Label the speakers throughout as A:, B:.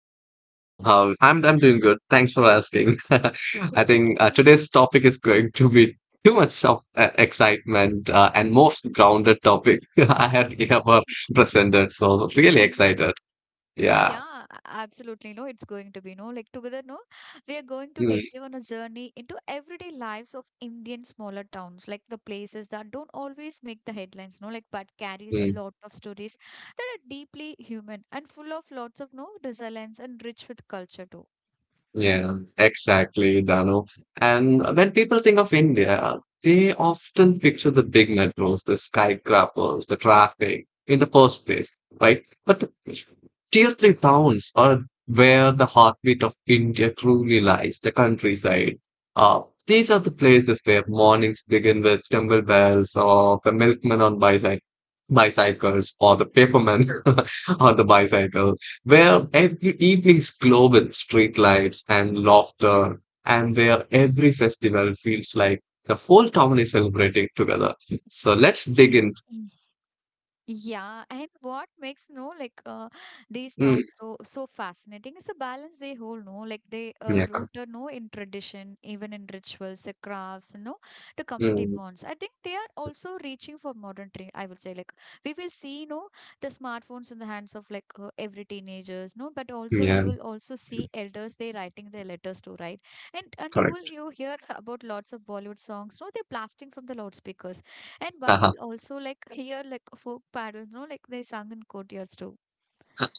A: Hey, hello. How I'm doing good. Thanks for asking. I think today's topic is going to be too much of excitement and most grounded topic I had ever presented. So really excited. Yeah.
B: Yeah, absolutely. No, it's going to be no. Like together, no, we are going to
A: Hmm,
B: take you on a journey into everyday lives of Indian smaller towns, like the places that don't always make the headlines, no, like but carries a
A: hmm.
B: lot of stories that are deeply human and full of lots of no resilience and rich with culture too.
A: Yeah, exactly, Dano. And when people think of India, they often picture the big metros, the skyscrapers, the traffic in the first place, right? But the tier three towns are where the heartbeat of India truly lies, the countryside. Uh, these are the places where mornings begin with temple bells or the milkman on bicycle, bicycles or the paperman on the bicycle, where every evenings glow with street lights and laughter, and where every festival feels like the whole town is celebrating together. So
B: Y-
A: let's dig in.
B: Yeah, and what makes no like these
A: Mm,
B: towns so fascinating is the balance they hold. No, like they
A: yeah,
B: rooted no in tradition, even in rituals, the crafts, no, the community
A: mm,
B: bonds. I think they are also reaching for modern trend. I would say like we will see no the smartphones in the hands of like every teenagers. No, but also
A: yeah,
B: you will also see elders they writing their letters to right, and
A: correct.
B: you hear about lots of Bollywood songs. No, they're blasting from the loudspeakers and what
A: uh
B: you'll also like hear like folk paddles, no, like they sung in courtyards too.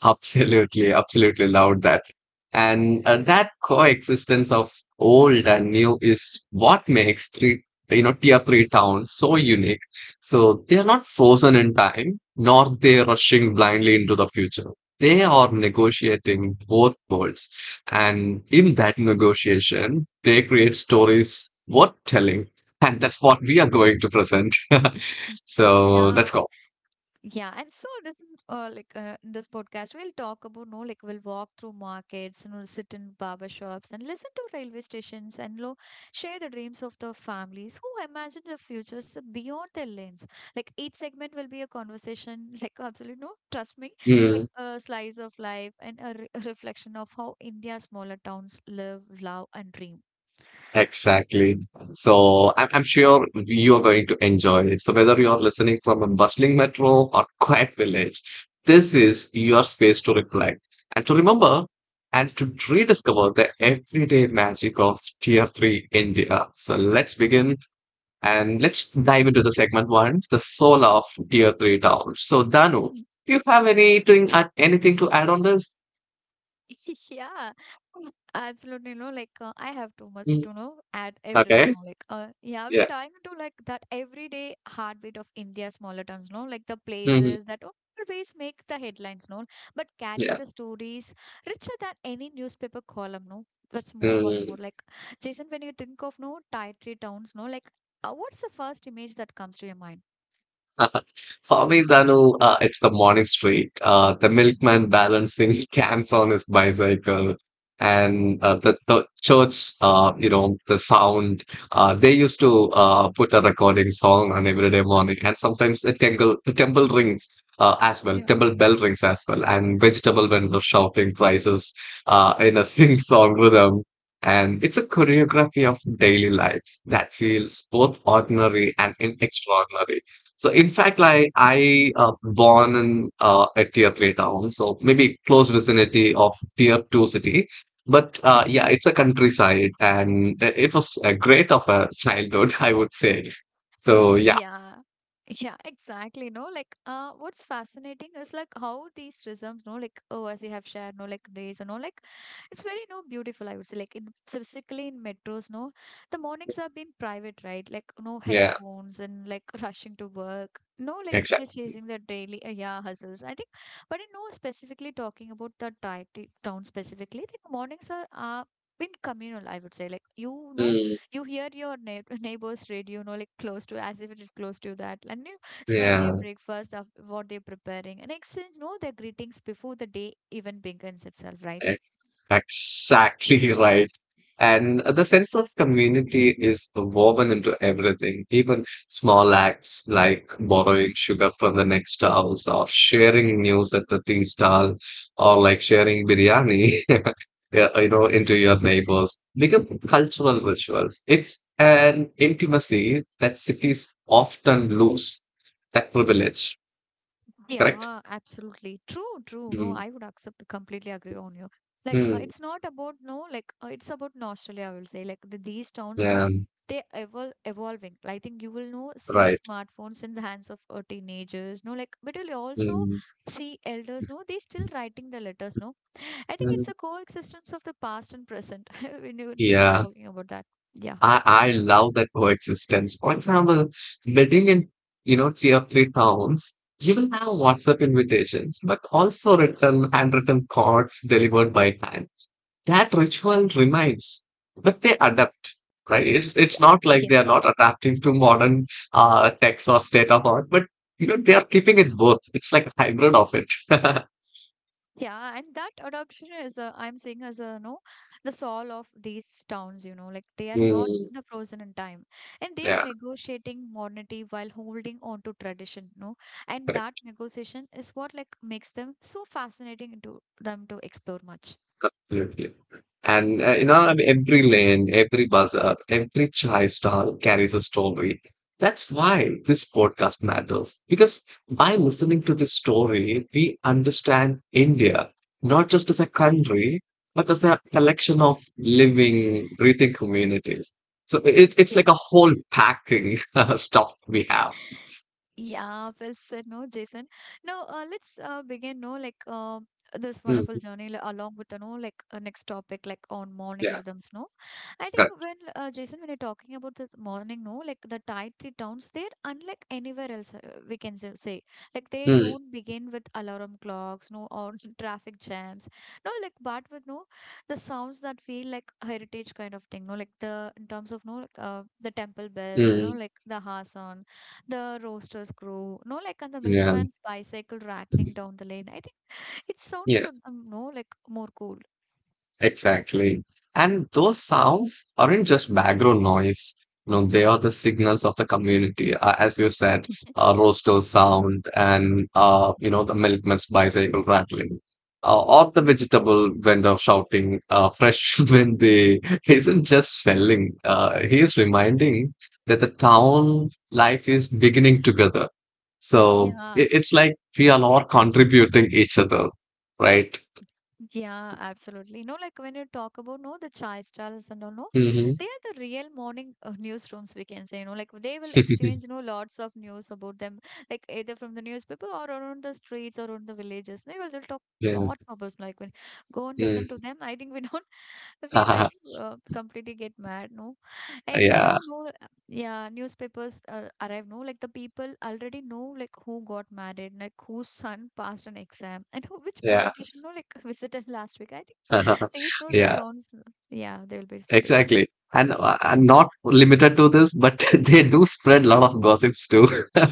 A: Absolutely, absolutely loved that. And that coexistence of old and new is what makes three, you know, tier three towns so unique. So they are not frozen in time, nor they rushing blindly into the future. They are negotiating both worlds, and in that negotiation, they create stories worth telling, and that's what we are going to present. So let's
B: Yeah,
A: go.
B: yeah, and so this is, like in this podcast we'll talk about no like we'll walk through markets and we'll sit in barber shops and listen to railway stations and lo share the dreams of the families who imagine the futures beyond their lanes. Like each segment will be a conversation, like absolutely no, trust me, like
A: Hmm.
B: a slice of life and a, a reflection of how India's smaller towns live, love, and dream.
A: Exactly. So I'm sure you are going to enjoy it. So whether you are listening from a bustling metro or quiet village, this is your space to reflect and to remember and to rediscover the everyday magic of Tier 3 India. So let's begin and let's dive into the segment one, the soul of Tier 3 towns. So Danu, do you have anything, anything to add on this?
B: Yeah, absolutely. No, like I have too much
A: Mm,
B: to know add everything.
A: Okay.
B: No, like yeah, we
A: Yeah.
B: are dying into like that everyday heartbeat of India smaller towns. No, like the
A: Mhm.
B: places that always make the headlines. No, but carry
A: Yeah.
B: the stories richer than any newspaper column. No, what's more, what's
A: Mm-hmm.
B: more like Jason, when you think of no tier three towns, no, like what's the first image that comes to your mind?
A: Uh, for me, Danu, it's the morning street. The milkman balancing cans on his bicycle, and the church, you know, the sound. They used to put a recording song on every day morning, and sometimes the
B: Mm.
A: temple, the temple rings as well,
B: Yeah.
A: temple bell rings as well, and vegetable vendors shouting prices in a sing-song rhythm. And it's a choreography of daily life that feels both ordinary and extraordinary. So in fact, like I born in a tier three town, so maybe close vicinity of tier two city. But yeah,
B: Okay.
A: it's a countryside, and it was a great of a childhood, I would say. So
B: Mm,
A: yeah,
B: yeah. Yeah, exactly. No, like, what's fascinating is like how these rhythms, no, like, oh, as you have shared, no, like these, you know, like, it's very, no, beautiful. I would say, like, in specifically in metros, no, the mornings have been private, right? Like, no
A: yeah,
B: headphones and like rushing to work, no, like, we're
A: exactly.
B: chasing the daily, yeah, hustles. I think, but you know, specifically talking about the town specifically, like, mornings are, been communal, I would say, like, you know,
A: Mm,
B: you hear your neighbor's radio, you know, like close to, as if it is close to that, and you smell their
A: yeah,
B: breakfast of what they're preparing, and exchange, you know, their greetings before the day even begins itself, right?
A: Exactly right. And the sense of community is woven into everything, even small acts like borrowing sugar from the next house or sharing news at the tea stall or like sharing biryani, yeah, you know, into your neighbors become cultural rituals. It's an intimacy that cities often lose that privilege, correct?
B: Yeah, absolutely. True, true. No,
A: Mm,
B: I would accept, completely agree on you. Like,
A: mm,
B: it's not about, no, like, it's about nostalgia, I will say. Like, these towns, no,
A: yeah,
B: they evolving. I think you will, know, see
A: right.
B: smartphones in the hands of teenagers, no, like, but you'll also
A: Mm,
B: see elders, no, they still writing the letters, no. I think
A: mm,
B: it's a coexistence of the past and present when you need to be
A: yeah.
B: talking about that. Yeah.
A: I love that coexistence. For example, wedding in you know tier three towns, you will have WhatsApp invitations, but also written handwritten cards delivered by hand. That ritual remains, but they adapt, right? It's not like
B: Yeah.
A: they are not adapting to modern text or state of art, but you know they are keeping it both. It's like a hybrid of it.
B: Yeah, and that adoption is, I'm saying, as a no, the soul of these towns, you know, like they are not
A: Mm,
B: the frozen in time and they are
A: yeah.
B: negotiating modernity while holding on to tradition, no? And that negotiation is what like makes them so fascinating to them to explore much.
A: Absolutely. And you know, I mean, every lane, every bazaar, every chai stall carries a story. That's why this podcast matters. Because by listening to this story, we understand India, not just as a country, but as a collection of living, breathing communities. So it's
B: Yeah.
A: like a whole packing stuff we have.
B: Yeah, well said, no, Jason. Now, let's begin, no, like this wonderful
A: Mm,
B: journey along with, you no, like next topic, like on morning
A: yeah,
B: rhythms, no. I think
A: correct.
B: when, Jason, when you're talking about the morning, no, like the dietary downs, they're unlike anywhere else, we can say. Like they
A: Mm,
B: don't begin with alarm clocks, no, or traffic jams, no, like but with, no, the sounds that feel like heritage kind of thing, no, like the, in terms of, no, like the temple bells, no,
A: mm,
B: like the Hasan the roasters crow, no, like and the
A: yeah.
B: milkman's bicycle rattling down the lane. I think it sounds,
A: Yeah.
B: no, like more cool.
A: Exactly. And those sounds aren't just background noise. You know, they are the signals of the community. As you said, roaster sound and, you know, the milkman's bicycle rattling. Or the vegetable vendor shouting fresh when they isn't just selling. He is reminding that the town life is beginning together. So
B: Yeah,
A: it's like we are all contributing each other, right?
B: yeah, absolutely. No, like when you talk about no the chai stalls and all, no,
A: Hmm.
B: they are the real morning newsrooms. We can say, you know, like they will exchange, you know, lots of news about them, like either from the newspaper or around the streets or on the villages. They'll talk lot about like when go and listen to
A: Mm.
B: them. I think we don't feel. I think completely get mad. No, and
A: Yeah,
B: before no, yeah, newspapers arrive, no, like the people already know like who got married, like whose son passed an exam, and who, which
A: yeah,
B: politician, no, like visited last week. I think they know the
A: yeah,
B: sounds. Yeah, they'll be speaking.
A: exactly. And not limited to this, but they do spread a lot of gossips too.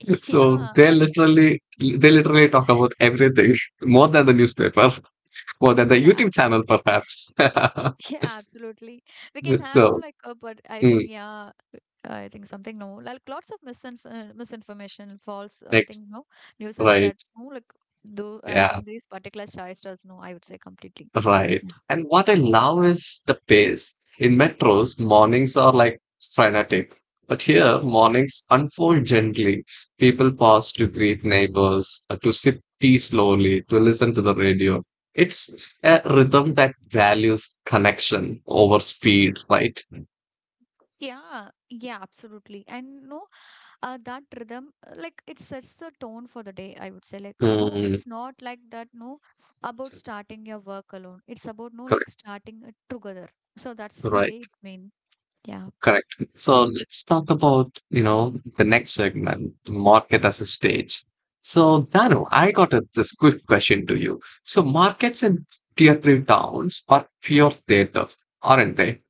A: So
B: Yeah,
A: they
B: and
A: literally they literally talk about everything more than the newspaper, more than the
B: yeah,
A: YouTube channel,
B: absolutely.
A: perhaps.
B: Yeah, absolutely. We can have no
A: So
B: like a but I think
A: mm,
B: yeah. I think something no like lots of misinformation, false
A: like,
B: things no news is
A: right,
B: spread no like though I
A: yeah.
B: think these particular shysters no I would say completely.
A: Right.
B: Yeah,
A: And what I love is the pace. In metros, mornings are like frenetic. But here, mornings unfold gently. People pause to greet neighbors, to sip tea slowly, to listen to the radio. It's a rhythm that values connection over speed, right?
B: yeah, yeah, absolutely. And no, that rhythm, like it sets the tone for the day. I would say, like, no,
A: Mm,
B: it's not like that. No, about starting your work alone. It's about no, like
A: correct,
B: starting it together. So that's the way
A: right.
B: it mean. Yeah,
A: Correct. So let's talk about, you know, the next segment, the market as a stage. So, Dano, I got a, this quick question to you. So, markets in tier three towns are pure theaters, aren't they?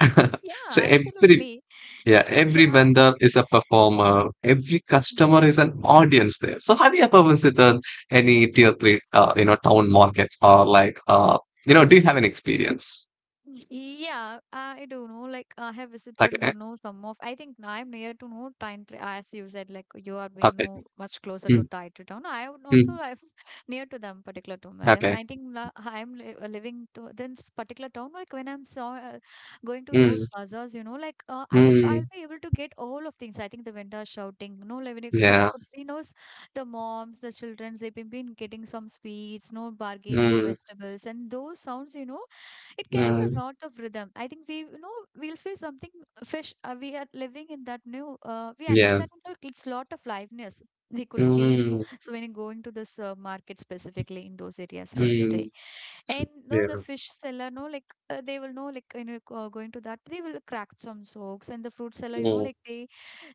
B: yeah,
A: So, every
B: absolutely.
A: yeah, every
B: Yeah,
A: vendor is a performer, every customer is an audience there. So, have you ever visited any tier three, you know, town markets or like, you know, do you have an experience?
B: mm, yeah, I don't know. Like I have visited, you
A: Okay,
B: know, some of. I think I'm near to know Time as you said. Like you are been
A: okay,
B: no much closer to
A: mm,
B: Taintree town. I would also
A: mm,
B: I'm near to them, particular to my them.
A: okay.
B: I think I'm li living to this particular town. Like when I'm so going to those
A: Mm.
B: bazaars, you know, like I think
A: Mm,
B: I'll be able to get all of things. I think the vendors shouting, no, like when you we
A: yeah.
B: could see, those the moms, the childrens, they've been getting some sweets, no bargaining the
A: Mm,
B: vegetables, and those sounds, you know, it carries
A: mm,
B: a lot of rhythm. I think we, you know, we'll feel something fish. We are living in that new, we
A: yeah.
B: understand that it's lot of liveness we could feel.
A: Mm,
B: So when you're going to this market specifically in those areas, I would say,
A: mm,
B: and no, the
A: yeah.
B: fish seller, no, like they will know, like you know, going to that, they will crack some jokes, and the fruit seller, you know,
A: Mm,
B: like they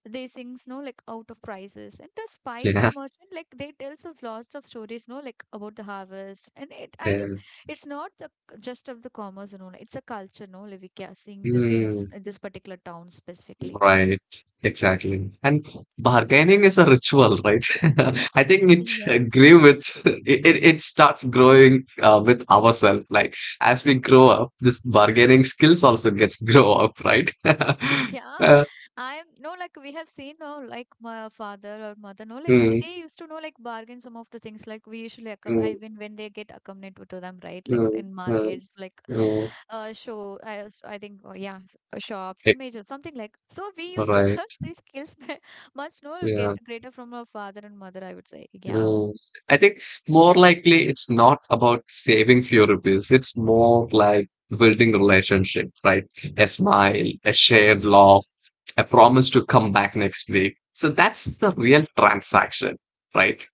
B: they sings no like out of prices, and the spice
A: yeah.
B: merchant like they tells of lots of stories no like about the harvest. And it, I
A: Yeah.
B: think it's not the just of the commerce and all, it's a culture, no, like we are seeing this in
A: Mm,
B: this particular town specifically.
A: right. Exactly. And bargaining is a ritual, right? I think it
B: Yeah.
A: agree with it starts growing with ourselves. Like as we grow up, this bargaining skills also gets grow up, right?
B: Yeah, I'm no like we have seen no like my father or mother no like
A: Mm,
B: they used to know like bargain some of the things like we usually accom I
A: mm,
B: mean when they get accompanied to them, right, like
A: mm,
B: in
A: mm,
B: markets, like
A: mm.
B: show I I think, oh, yeah, shops and
A: It's
B: major something like, so we used to
A: right.
B: learn these skills much no get
A: Yeah.
B: greater from our father and mother, I would say, yeah.
A: Mm, I think more likely it's not about saving few rupees. It's more like building relationship, right? A smile, a shared laugh, a promise to come back next week. So that's the real transaction, right?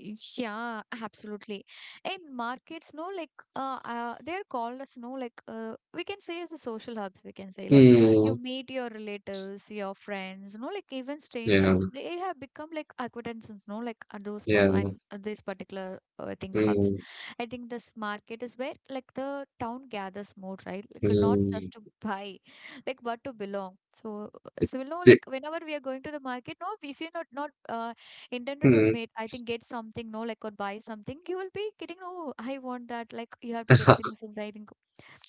B: Yeah, absolutely. In markets, no, like they're called as no, like we can say as a social hubs. We can say like you
A: Mm,
B: meet your relatives, your friends, no, like even
A: yeah,
B: strangers. They have become like acquaintances, no, like at those mom
A: yeah,
B: and these particular I think hubs.
A: mm,
B: I think this market is where like the town gathers more, right? Like not just
A: mm,
B: to buy, like but to belong. So,
A: it-
B: so you know,
A: it-
B: like whenever we are going to the market, no, we feel not intended to
A: mm,
B: make, I think, get something no like or buy something, you will be getting, oh, I want that, like you have to get things. And I think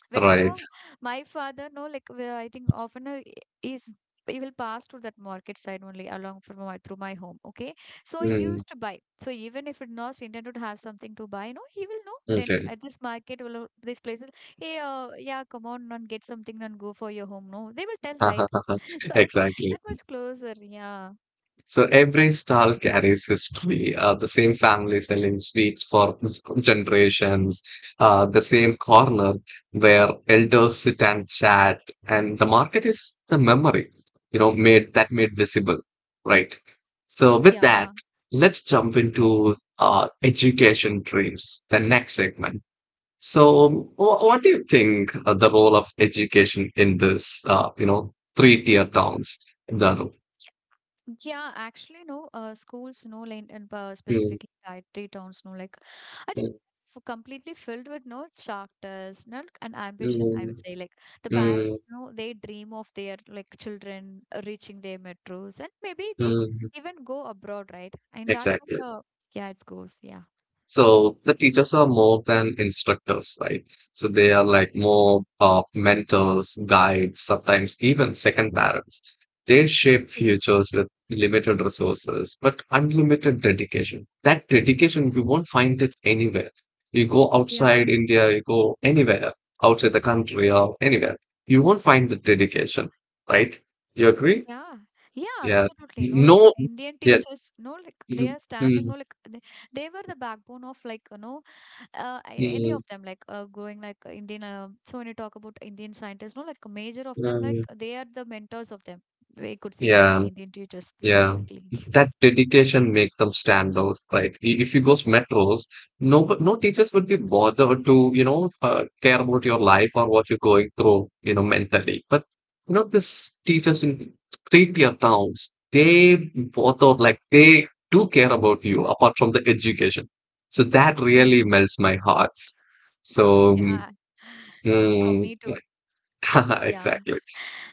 B: whenever no
A: right.
B: my father no like where I think often is, he will pass to that market side only along from my through my home, okay, so he
A: Mm,
B: used to buy. So even if it not intended to have something to buy, no, he will know tend
A: okay.
B: at this market will, these places, hey, yeah, come on and get something and go for your home, no, they will tell, right? So I,
A: Exactly.
B: that was closer, yeah,
A: So every stall carries history, the same family selling sweets for generations, the same corner where elders sit and chat, and the market is the memory, you know, made visible, right? So with that,
B: yeah.
A: let's jump into education dreams, the next segment. So what do you think the role of education in this, you know, three-tier towns, Dhanu?
B: Yeah, actually, no. Schools, no, like and, specifically dietary towns, no. Like, I think completely filled with no characters, no, like, and ambition. I would
A: Mm,
B: say, like the parents,
A: mm,
B: no, they dream of their like children reaching their metros, and maybe they
A: mm,
B: even go abroad, right? And that,
A: exactly.
B: kind yeah, it goes, yeah.
A: So the teachers are more than instructors, right? So they are like more mentors, guides, sometimes even second parents. They shape
B: Y-
A: futures with limited resources, but unlimited dedication. That dedication, you won't find it anywhere. You go
B: Yeah.
A: outside India, you go anywhere, outside the country or anywhere, you won't find the dedication, right? You agree?
B: Yeah, yeah,
A: Yeah.
B: absolutely. No, like
A: No,
B: Indian
A: yeah.
B: teachers, no, like they
A: Mhm,
B: are standing,
A: mhm,
B: no, like they were the backbone of like, you know, any of
A: mhm,
B: them like going like Indian so when you talk about Indian scientists, no, like a major of them, like
A: um,
B: they are the mentors of them, we could say, like
A: Yeah,
B: Indian teachers
A: yeah.
B: specifically, yeah,
A: That dedication makes them stand out, right? If you go metros, no, no teachers would be bothered to, you know, care about your life or what you're going through, you know, mentally. But you know, these teachers in three-tier towns, they bother like they do care about you apart from the education. So that
B: yeah.
A: really melts my hearts. So,
B: Yeah. For
A: mm,
B: me too. Yeah.
A: exactly,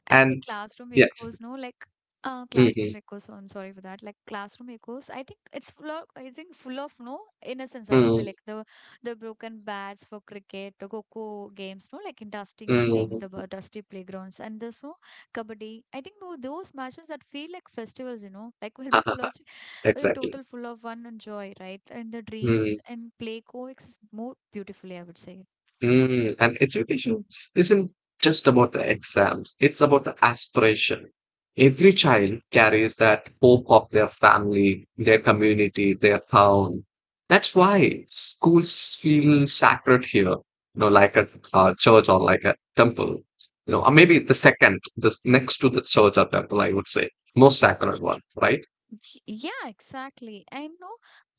B: And the
A: and.
B: classroom
A: Yeah,
B: echoes, no, like
A: Mhm,
B: classroom echoes. I'm sorry for that. Like classroom echoes. I think it's full of I think full of no innocence, I would say.
A: mm,
B: Like the broken bats for cricket, the coco games, no, like in dusting thing, the
A: mm.
B: dusty playgrounds and the so kabaddi. I think no those matches that feel like festivals, you know, like will be college
A: Exactly.
B: total full of fun and joy, right? And the dreams
A: Mm,
B: and play coexist more beautifully, I would say.
A: mm. And education isn't just about the exams, it's about the aspiration. Every child carries that hope of their family, their community, their town. That's why schools feel sacred here, you know, like a, church or like a temple, you know, or maybe the second, this next to the church or temple, I would say, most sacred one, right?
B: Yeah, exactly. And no,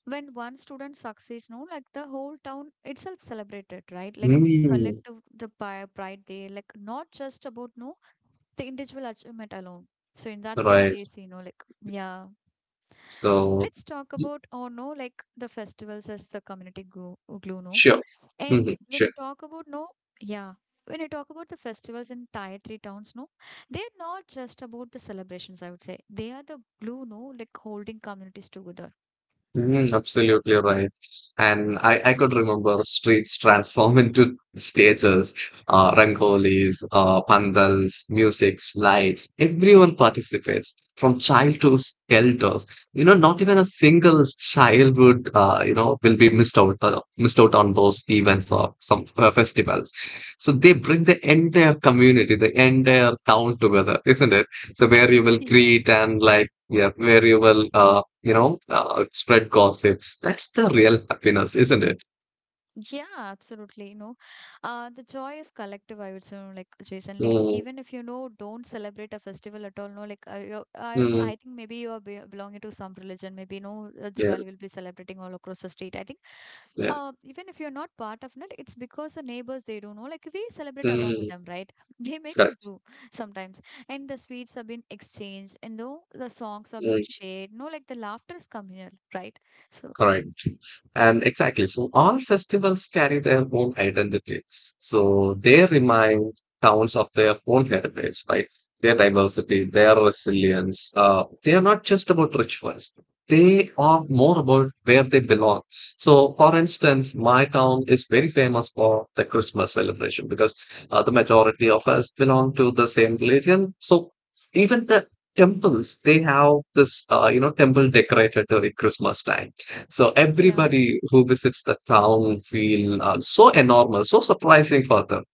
B: when one student succeeds, no, like the whole town itself celebrated, right? Like it
A: Mm,
B: collective the pride there, like not just about no the individual achievement alone. So in that way,
A: right.
B: they see no, like yeah.
A: So.
B: Let's talk about oh no, like the festivals as the community glue, glue no.
A: 需要，嗯嗯，
B: And when
A: 要。
B: you talk about no, yeah. When you talk about the festivals in tier three towns, no, they're not just about the celebrations, I would say. They are the glue, no, like holding communities together.
A: Absolutely right. And I could remember streets transform into stages, rangolis, pandals, musics, lights. Everyone participates from child to elders. You know, not even a single child would, you know, will be missed out on those events or some festivals. So they bring the entire community, the entire town together, isn't it? So where you will
B: Yeah,
A: greet and like, yeah, where you will, you know, spread gossips. That's the real happiness, isn't it?
B: yeah, absolutely. You know, the joy is collective. I would say, you like Jason, like
A: Mm,
B: even if you know don't celebrate a festival at all, no, like you I
A: mm,
B: think maybe you are be belonging to some religion. Maybe no
A: yeah,
B: Diwali will be celebrating all across the state. I think,
A: yeah.
B: even if you're not part of it, it's because the neighbors they don't know. Like we celebrate along with
A: Mm,
B: them, right? They make us
A: correct.
B: do sometimes, and the sweets have been exchanged, and though the songs have been shared, no, like the laughter is communal, right? So
A: Correct. And exactly. So all festivals carry their own identity. So they remind towns of their own heritage, right? Their diversity, their resilience. They are not just about rituals. They are more about where they belong. So, for instance, my town is very famous for the Christmas celebration because the majority of us belong to the same religion. So, even the temples, they have this, you know, temple decorated during Christmas time so
B: yeah.
A: everybody who visits the town feel so enormous, so surprising for them.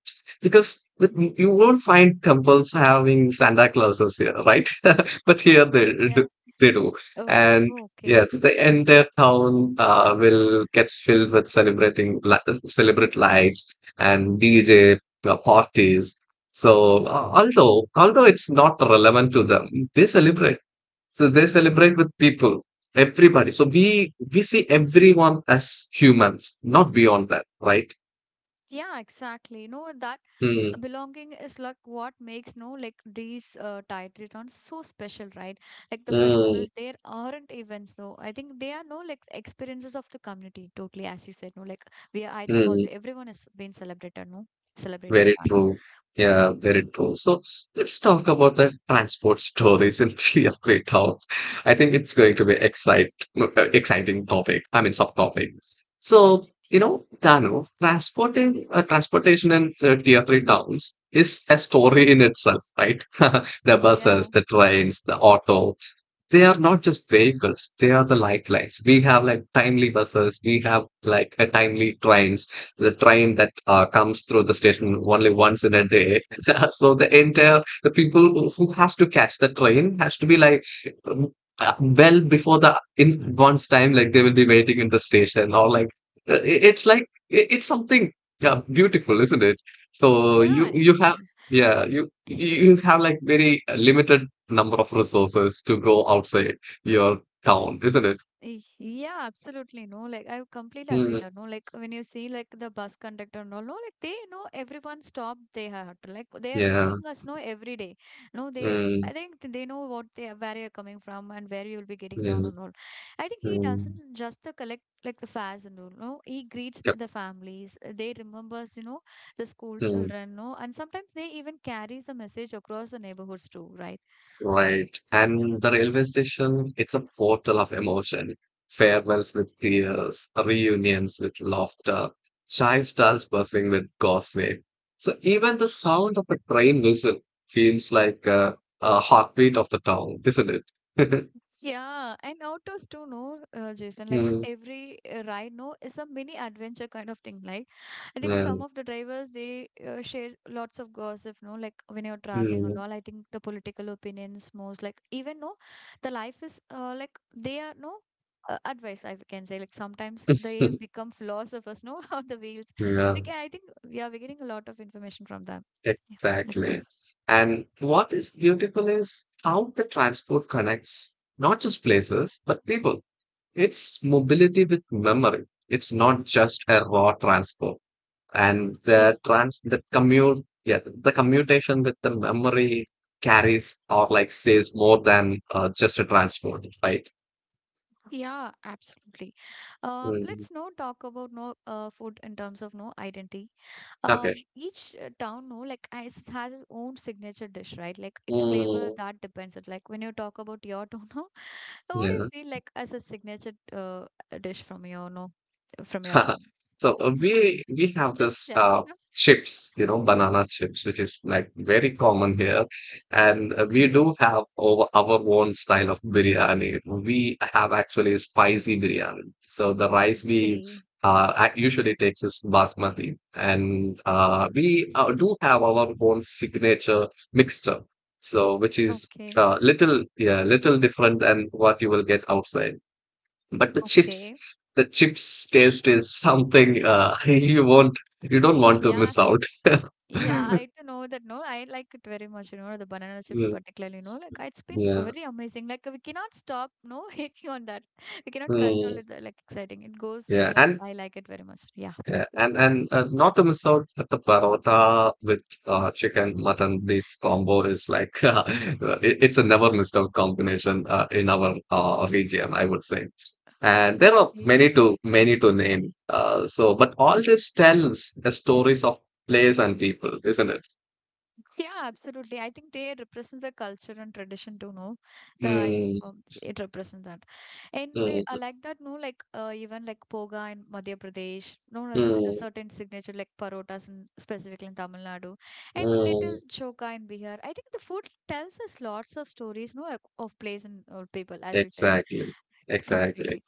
A: Because you won't find temples having Santa Clauses here, right? But here they do,
B: Yeah.
A: they do.
B: Oh,
A: And
B: oh, okay.
A: yeah, the entire town will gets filled with celebrate lights and DJ parties. So although it's not relevant to them, they celebrate so they celebrate with people, everybody. So we see everyone as humans, not beyond that, right?
B: Yeah, exactly. You know, that
A: Mm,
B: belonging is like what makes, no like these tide returns so special, right? Like the
A: mm,
B: festivals, there aren't events though. I think they are no like experiences of the community, totally, as you said, no, like we are, I think all
A: mm.
B: the everyone has been celebrated, no, celebrating
A: Very
B: that.
A: true. Yeah, very true. So let's talk about the transport stories in three or three towns. I think it's going to be excite no, exciting topic. I mean subtopic. So you know, Dano, transporting transportation in tier three towns is a story in itself, right? The
B: Yeah.
A: buses, the trains, the auto, they are not just vehicles, they are the lifelines. We have like timely buses, we have like a timely trains, the train that comes through the station only once in a day. So the people who has to catch the train has to be like um, well before the in one's time, like they will be waiting in the station or like, it's something, yeah, beautiful, isn't it? So
B: Yeah.
A: you have, yeah, you, you you have like very limited number of resources to go outside your town, isn't it?
B: Yeah, absolutely. No, like I completely agree
A: Mm,
B: that. No, like when you see like the bus conductor and all, no, like they know everyone stop they had like they are
A: yeah.
B: seeing us know every day. No, they
A: Mm,
B: I think they know what they are, where you're coming from and where you'll be getting down
A: mm,
B: and all. I think he
A: mm,
B: doesn't just the collect like the fares and all. No, he greets
A: yep,
B: the families. They remembers you know the school
A: mm,
B: children. No, and sometimes they even carries the message across the neighborhoods too, right?
A: right. And the railway station, it's a portal of emotion. Farewells with tears, reunions with laughter, chai stalls buzzing with gossip. So even the sound of a train whistle feels like a heartbeat of the town, isn't it?
B: Yeah, and autos too, no, Jason. Like
A: Mm,
B: every ride, no, is a mini adventure kind of thing. Like I think some
A: yeah.
B: of the drivers they share lots of gossip, no, like when you're traveling and
A: Mm,
B: all. I think the political opinions most, like even no, the life is like they are no. Advice I can say like sometimes they become philosophers no on the wheels, we
A: yeah.
B: can I think, yeah, we're getting a lot of information from them. Yeah, of
A: Exactly.
B: course.
A: And what is beautiful is how the transport connects not just places, but people. It's mobility with memory. It's not just a raw transport. And
B: Cheers.
A: the commute, yeah, the commutation with the memory carries or like says more than just a transport, right?
B: Yeah, absolutely.
A: Mm.
B: Let's now talk about no food in terms of no identity.
A: Okay.
B: Each town no like has its own signature dish, right? Like its flavor
A: Mm.
B: that depends on like when you talk about your town, no, what do you
A: Yeah.
B: feel like as a signature dish from your no from your town?
A: So we have
B: Just
A: this
B: share it, no?
A: chips, you know, banana chips, which is like very common here, and we
B: Okay,
A: do have our own style of biryani. We have actually spicy biryani. So the rice we
B: okay,
A: usually takes is basmati, and we do have our own signature mixture. So which is
B: okay,
A: little yeah little different than what you will get outside. But
B: okay.
A: the chips taste is something you want, you don't want to
B: Yeah.
A: miss out.
B: Yeah, I do know that. No, I like it very much. You know, the banana chips,
A: Mm,
B: particularly. You know, like it's been
A: yeah.
B: very amazing. Like we cannot stop. No, hating on that. We cannot control
A: Mm,
B: it. Like exciting. It goes. No,
A: yeah.
B: like
A: And
B: I like it very much. Yeah.
A: yeah, and not to miss out that the parota with chicken, mutton, beef combo is like it's a never missed out combination in our region, I would say. And there are
B: Okay.
A: many to name. So, but all this tells the stories of place and people, isn't it?
B: Yeah, absolutely. I think they represent the culture and tradition too, no? The I
A: Mm,
B: think it represents that. And we,
A: mm.
B: I like that, no? Like even like poga in Madhya Pradesh, no, a
A: Mm,
B: certain signature like parotas in specifically in Tamil Nadu, and little
A: mm,
B: choka in Bihar. I think the food tells us lots of stories, no, like, of place and people, as you said,
A: exactly, exactly.
B: completely.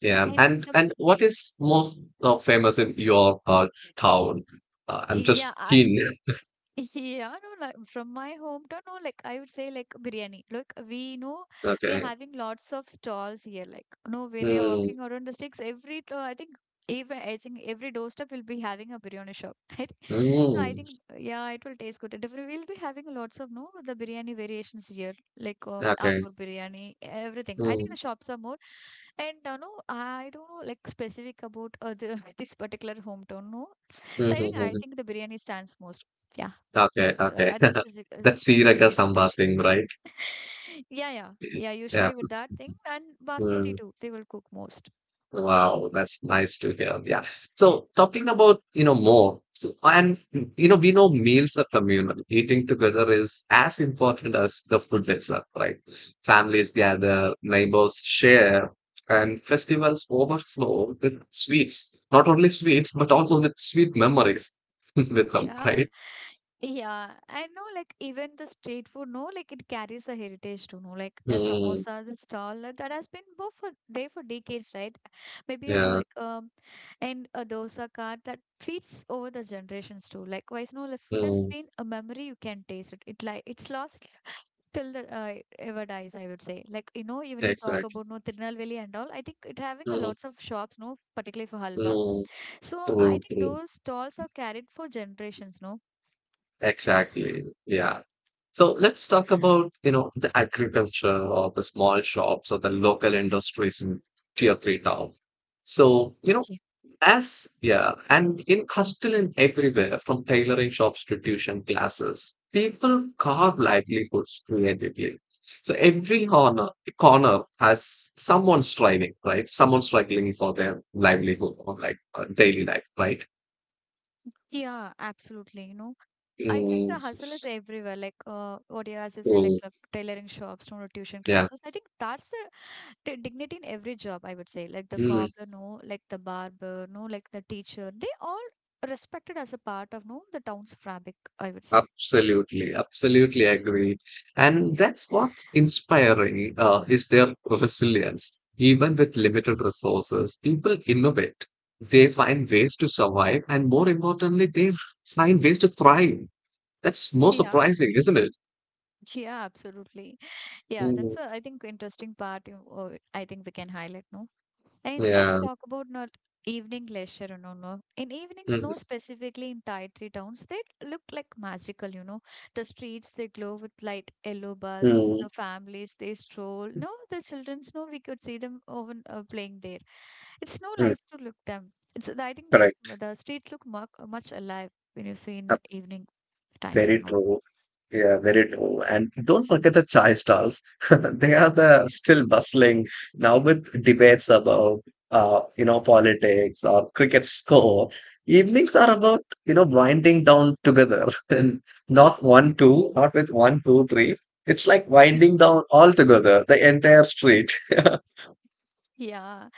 A: Yeah,
B: And the
A: and what is more famous in your town? I'm
B: yeah.
A: just keen.
B: Yeah, no, like from my hometown, no, like I would say like biryani. Like we know we are
A: Okay.
B: having lots of stalls here. Like, no, when you're
A: Mm,
B: walking around the sticks, every I think even I think every doorstep will be having a biryani shop, right? So I
A: mm,
B: think yeah, it will taste good. Different. We'll be having lots of no the biryani variations here, like
A: okay.
B: Ambur biryani, everything. I think
A: Mm,
B: the shops are more, and no, I don't know like specific about the, this particular hometown. No,
A: mm,
B: so
A: mm,
B: I
A: mm.
B: think the biryani stands most. Yeah.
A: Okay, okay.
B: That's a
A: That Sriracha
B: signature
A: samba
B: dish here.
A: thing, right?
B: Yeah, yeah, yeah.
A: Yeah.
B: Usually with that thing and basmati
A: Mm.
B: too, they will cook most.
A: Wow, that's nice to hear. Yeah. So talking about, you know, more, so, and you know, we know meals are communal. Eating together is as important as the food itself, right? Families gather, neighbors share, and festivals overflow with sweets. Not only sweets, but also with sweet memories with them,
B: Yeah,
A: right?
B: yeah. I know, like even the street food, no, like it carries a heritage to know, like a
A: Mm,
B: samosa, the stall that has been both for there for decades, right? Maybe you know,
A: yeah.
B: like and a dosa cart that feeds over the generations too. Likewise, no, like food has
A: Mm,
B: been a memory you can taste it. It like it's lost till the ever dies, I would say, like, you know, even you talk
A: exactly.
B: about no Tirunelveli and all, I think it having a
A: Mm,
B: lots of shops no, particularly for halwa,
A: mm,
B: so I
A: true,
B: think
A: true.
B: those stalls are carried for generations no.
A: Exactly. Yeah. So let's talk about, you know, the agriculture or the small shops or the local industries in tier three town. So, you know,
B: Ye-
A: as yeah, and in hustle and everywhere, from tailoring shops to tuition classes, people carve livelihoods creatively. So every corner has someone striving, right? Someone struggling for their livelihood or like daily life, right?
B: yeah, absolutely. You know, I think
A: Mm,
B: the hustle is everywhere. Like, what you as you say,
A: so,
B: like tailoring shops, no tuition
A: yeah.
B: classes. I think that's the dignity in every job. I would say, like the
A: Mm.
B: cobbler, no, like the barber, no, like the teacher. They all respected as a part of no the town's fabric. I would say.
A: Absolutely, absolutely agree. And that's what's inspiring is their resilience. Even with limited resources, people innovate. They find ways to survive, and more importantly, they find ways to thrive. That's more
B: Yeah.
A: surprising, isn't it?
B: Yeah, absolutely. Yeah, that's
A: Mm,
B: a, I think, interesting part. You, I think we can highlight, no? And let's
A: yeah.
B: talk about not evening leisure, you know, no. In evenings,
A: Mm,
B: no, specifically in tidy towns, they look like magical, you know. The streets, they glow with light yellow bulbs. The
A: mm,
B: families, they stroll. No, the children's, no, we could see them over playing there. It's no
A: mm,
B: nice to look them. It's, I think, let's
A: correct.
B: the streets look much, much alive when you see in the evening times
A: Very
B: and all.
A: true. Yeah, very true. And don't forget the chai stalls. They are the still bustling now with debates about you know, politics or cricket score. Evenings are about, you know, winding down together and not with one, two, three. It's like winding down all together, the entire street.
B: Yeah.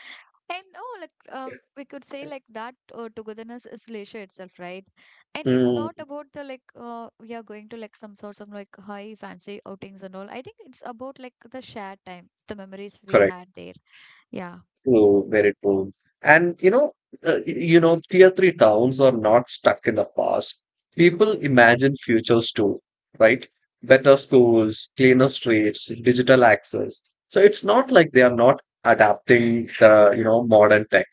B: And oh, like we could say like that togetherness is leisure itself, right? And it's not
A: Mm,
B: about the like we are going to like some sorts of like high fancy outings and all. I think it's about like the shared time, the memories we
A: correct.
B: had there. Yeah.
A: True, very true. And you know, you know, tier three towns are not stuck in the past. People imagine futures too, right? Better schools, cleaner streets, digital access. So it's not like they are not adapting the, you know, modern tech.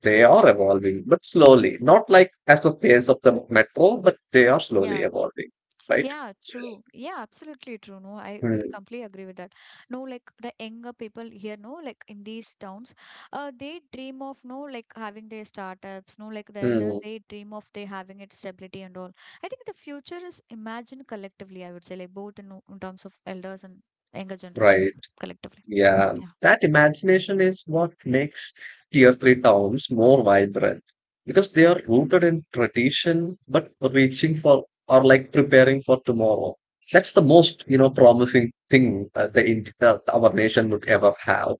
A: They are evolving, but slowly. Not like as the pace of the metro, but they are slowly
B: Yeah.
A: evolving, right?
B: Yeah, true. Yeah, absolutely true. No, I would
A: Mm,
B: completely agree with that. No, like the younger people here, no, like in these towns, they dream of no, like having their startups. No, like the elders,
A: mm,
B: they dream of they having its stability and all. I think the future is imagined collectively. I would say, like both in terms of elders and younger generation
A: right.
B: collectively.
A: Yeah,
B: Yeah.
A: that imagination is what makes tier three towns more vibrant because they are rooted in tradition but reaching for or like preparing for tomorrow. That's the most, you know, promising thing our nation would ever have.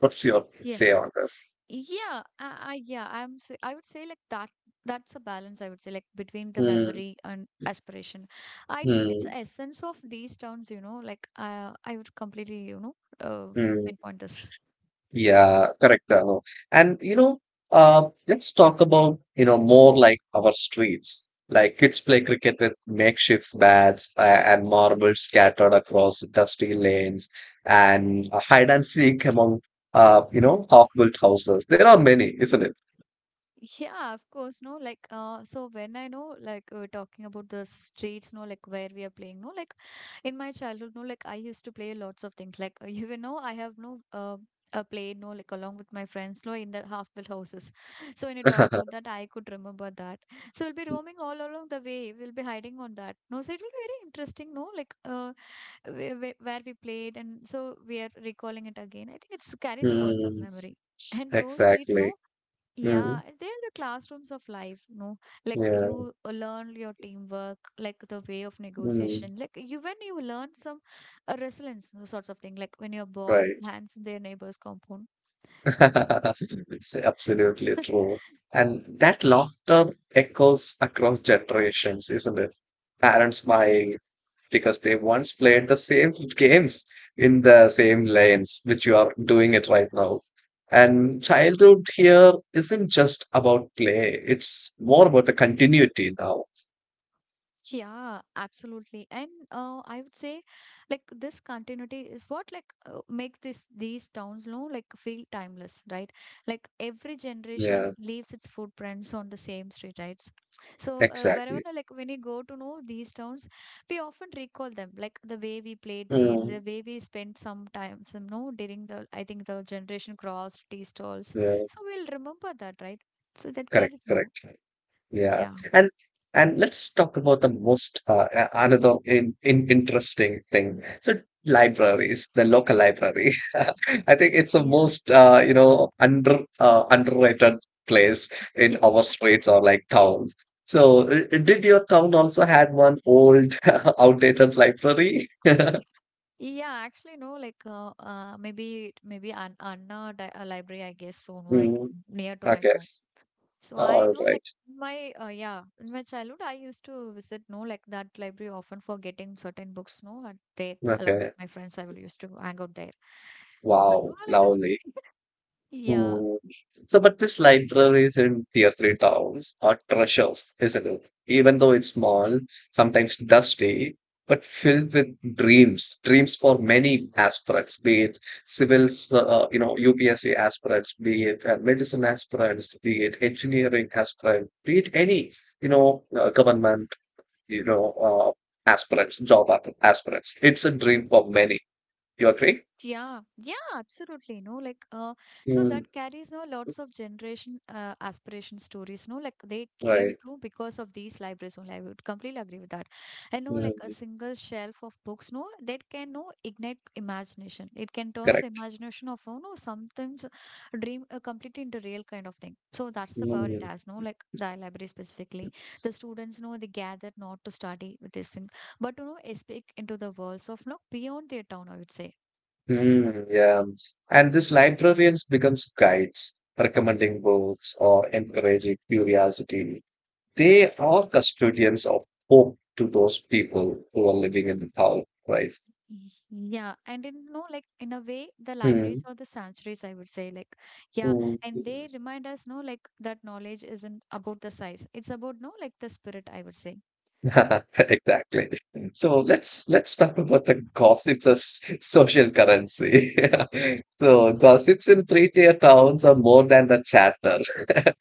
A: What's your
B: Yeah.
A: say on this?
B: Yeah, I, I yeah, I would say like that's a balance I would say like between the
A: Hmm,
B: memory and aspiration. I think it's
A: hmm,
B: essence of these towns, you know, like I would completely, you know,
A: hmm.
B: pinpoint this.
A: Yeah, correct. No. And you know, let's talk about, you know, more like our streets. Like kids play cricket with makeshift bats and marbles scattered across dusty lanes and hide and seek among, you know, half-built houses. There are many, isn't it?
B: Yeah, of course, no, like, so when I know, like, talking about the streets, no, like, where we are playing, no, like, in my childhood, no, like, I used to play lots of things, like, even know, I have no, played, no, like, along with my friends, no, in the half-built houses. So when you talk about that, I could remember that. So we'll be roaming all along the way, we'll be hiding on that. No, so it will be very interesting, no, like, where we played, and so we are recalling it again. I think it's carries a lots of
A: Mm,
B: memory. And those streets,
A: exactly.
B: no, yeah,
A: Mm,
B: and they're the classrooms of life, no? Like
A: yeah.
B: you learn your teamwork, like the way of
A: Mm,
B: negotiation, like you when you learn some resilience, those sorts of thing, like when your ball
A: right.
B: lands in their neighbor's compound. Something.
A: It's absolutely true. And that laughter echoes across generations, isn't it? Parents smile because they once played the same games in the same lanes, which you are doing it right now. And childhood here isn't just about play, it's more about the continuity now.
B: Yeah, absolutely. And I would say like this continuity is what like makes this these towns you know like feel timeless, right? Like every generation
A: Yeah,
B: leaves its footprints on the same street, right? So wherever
A: exactly.
B: like when you go to know these towns, we often recall them, like the way we played there, the
A: Mm.
B: way we spent some time, some no during the I think the generation crossed tea stalls.
A: Yeah,
B: So we'll remember that, right? So that
A: correct,
B: carries no,
A: correct. Yeah,
B: yeah,
A: and and let's talk about the most another in interesting thing. So libraries, the local library. I think it's the
B: yeah.
A: most you know underrated place in our streets or like towns. So did your town also had one old outdated library?
B: Yeah, actually, no, like maybe maybe An Anna di library, I guess, so no, like
A: Mm,
B: near to my
A: okay,
B: town. So I
A: all
B: know, like
A: right,
B: my yeah, in my childhood, I used to visit, no, like that library often for getting certain books, no, and there along with
A: okay.
B: my friends, I will used to hang out there. But you
A: Wow,
B: know, like the
A: lovely.
B: yeah.
A: Hmm. So, but these libraries in tier three towns are treasures, isn't it? Even though it's small, sometimes dusty, but filled with dreams, dreams for many aspirants, be it civils, you know, UPSC aspirants, be it medicine aspirants, be it engineering aspirants, be it any, you know, government, you know, aspirants, aspirants. It's a dream for many. You agree?
B: Yeah, yeah, absolutely. No, like, so
A: Mm,
B: that carries no lots of generation aspiration stories. No, like they came
A: right.
B: true because of these libraries only. I would completely agree with that. And no, like a
A: Mm,
B: single shelf of books, no, that can no ignite imagination. It can turn the
A: correct.
B: imagination of you know sometimes dream completely into real kind of thing. So that's the power it
A: Mm.
B: has. No, like the library specifically, the students know they gather not to study with this thing, but to know escape into the worlds of no beyond their town. I would say
A: Hmm, yeah. And these librarians becomes guides, recommending books or encouraging curiosity. They are custodians of hope to those people who are living in the town, right?
B: yeah, and in no like in a way, the libraries
A: Hmm.
B: or the sanctuaries, I would say, like, yeah,
A: Mm.
B: and they remind us, no, like that knowledge isn't about the size; it's about no, like the spirit, I would say.
A: Exactly. So let's talk about the gossips as social currency. So gossips in three-tier towns are more than the chatter.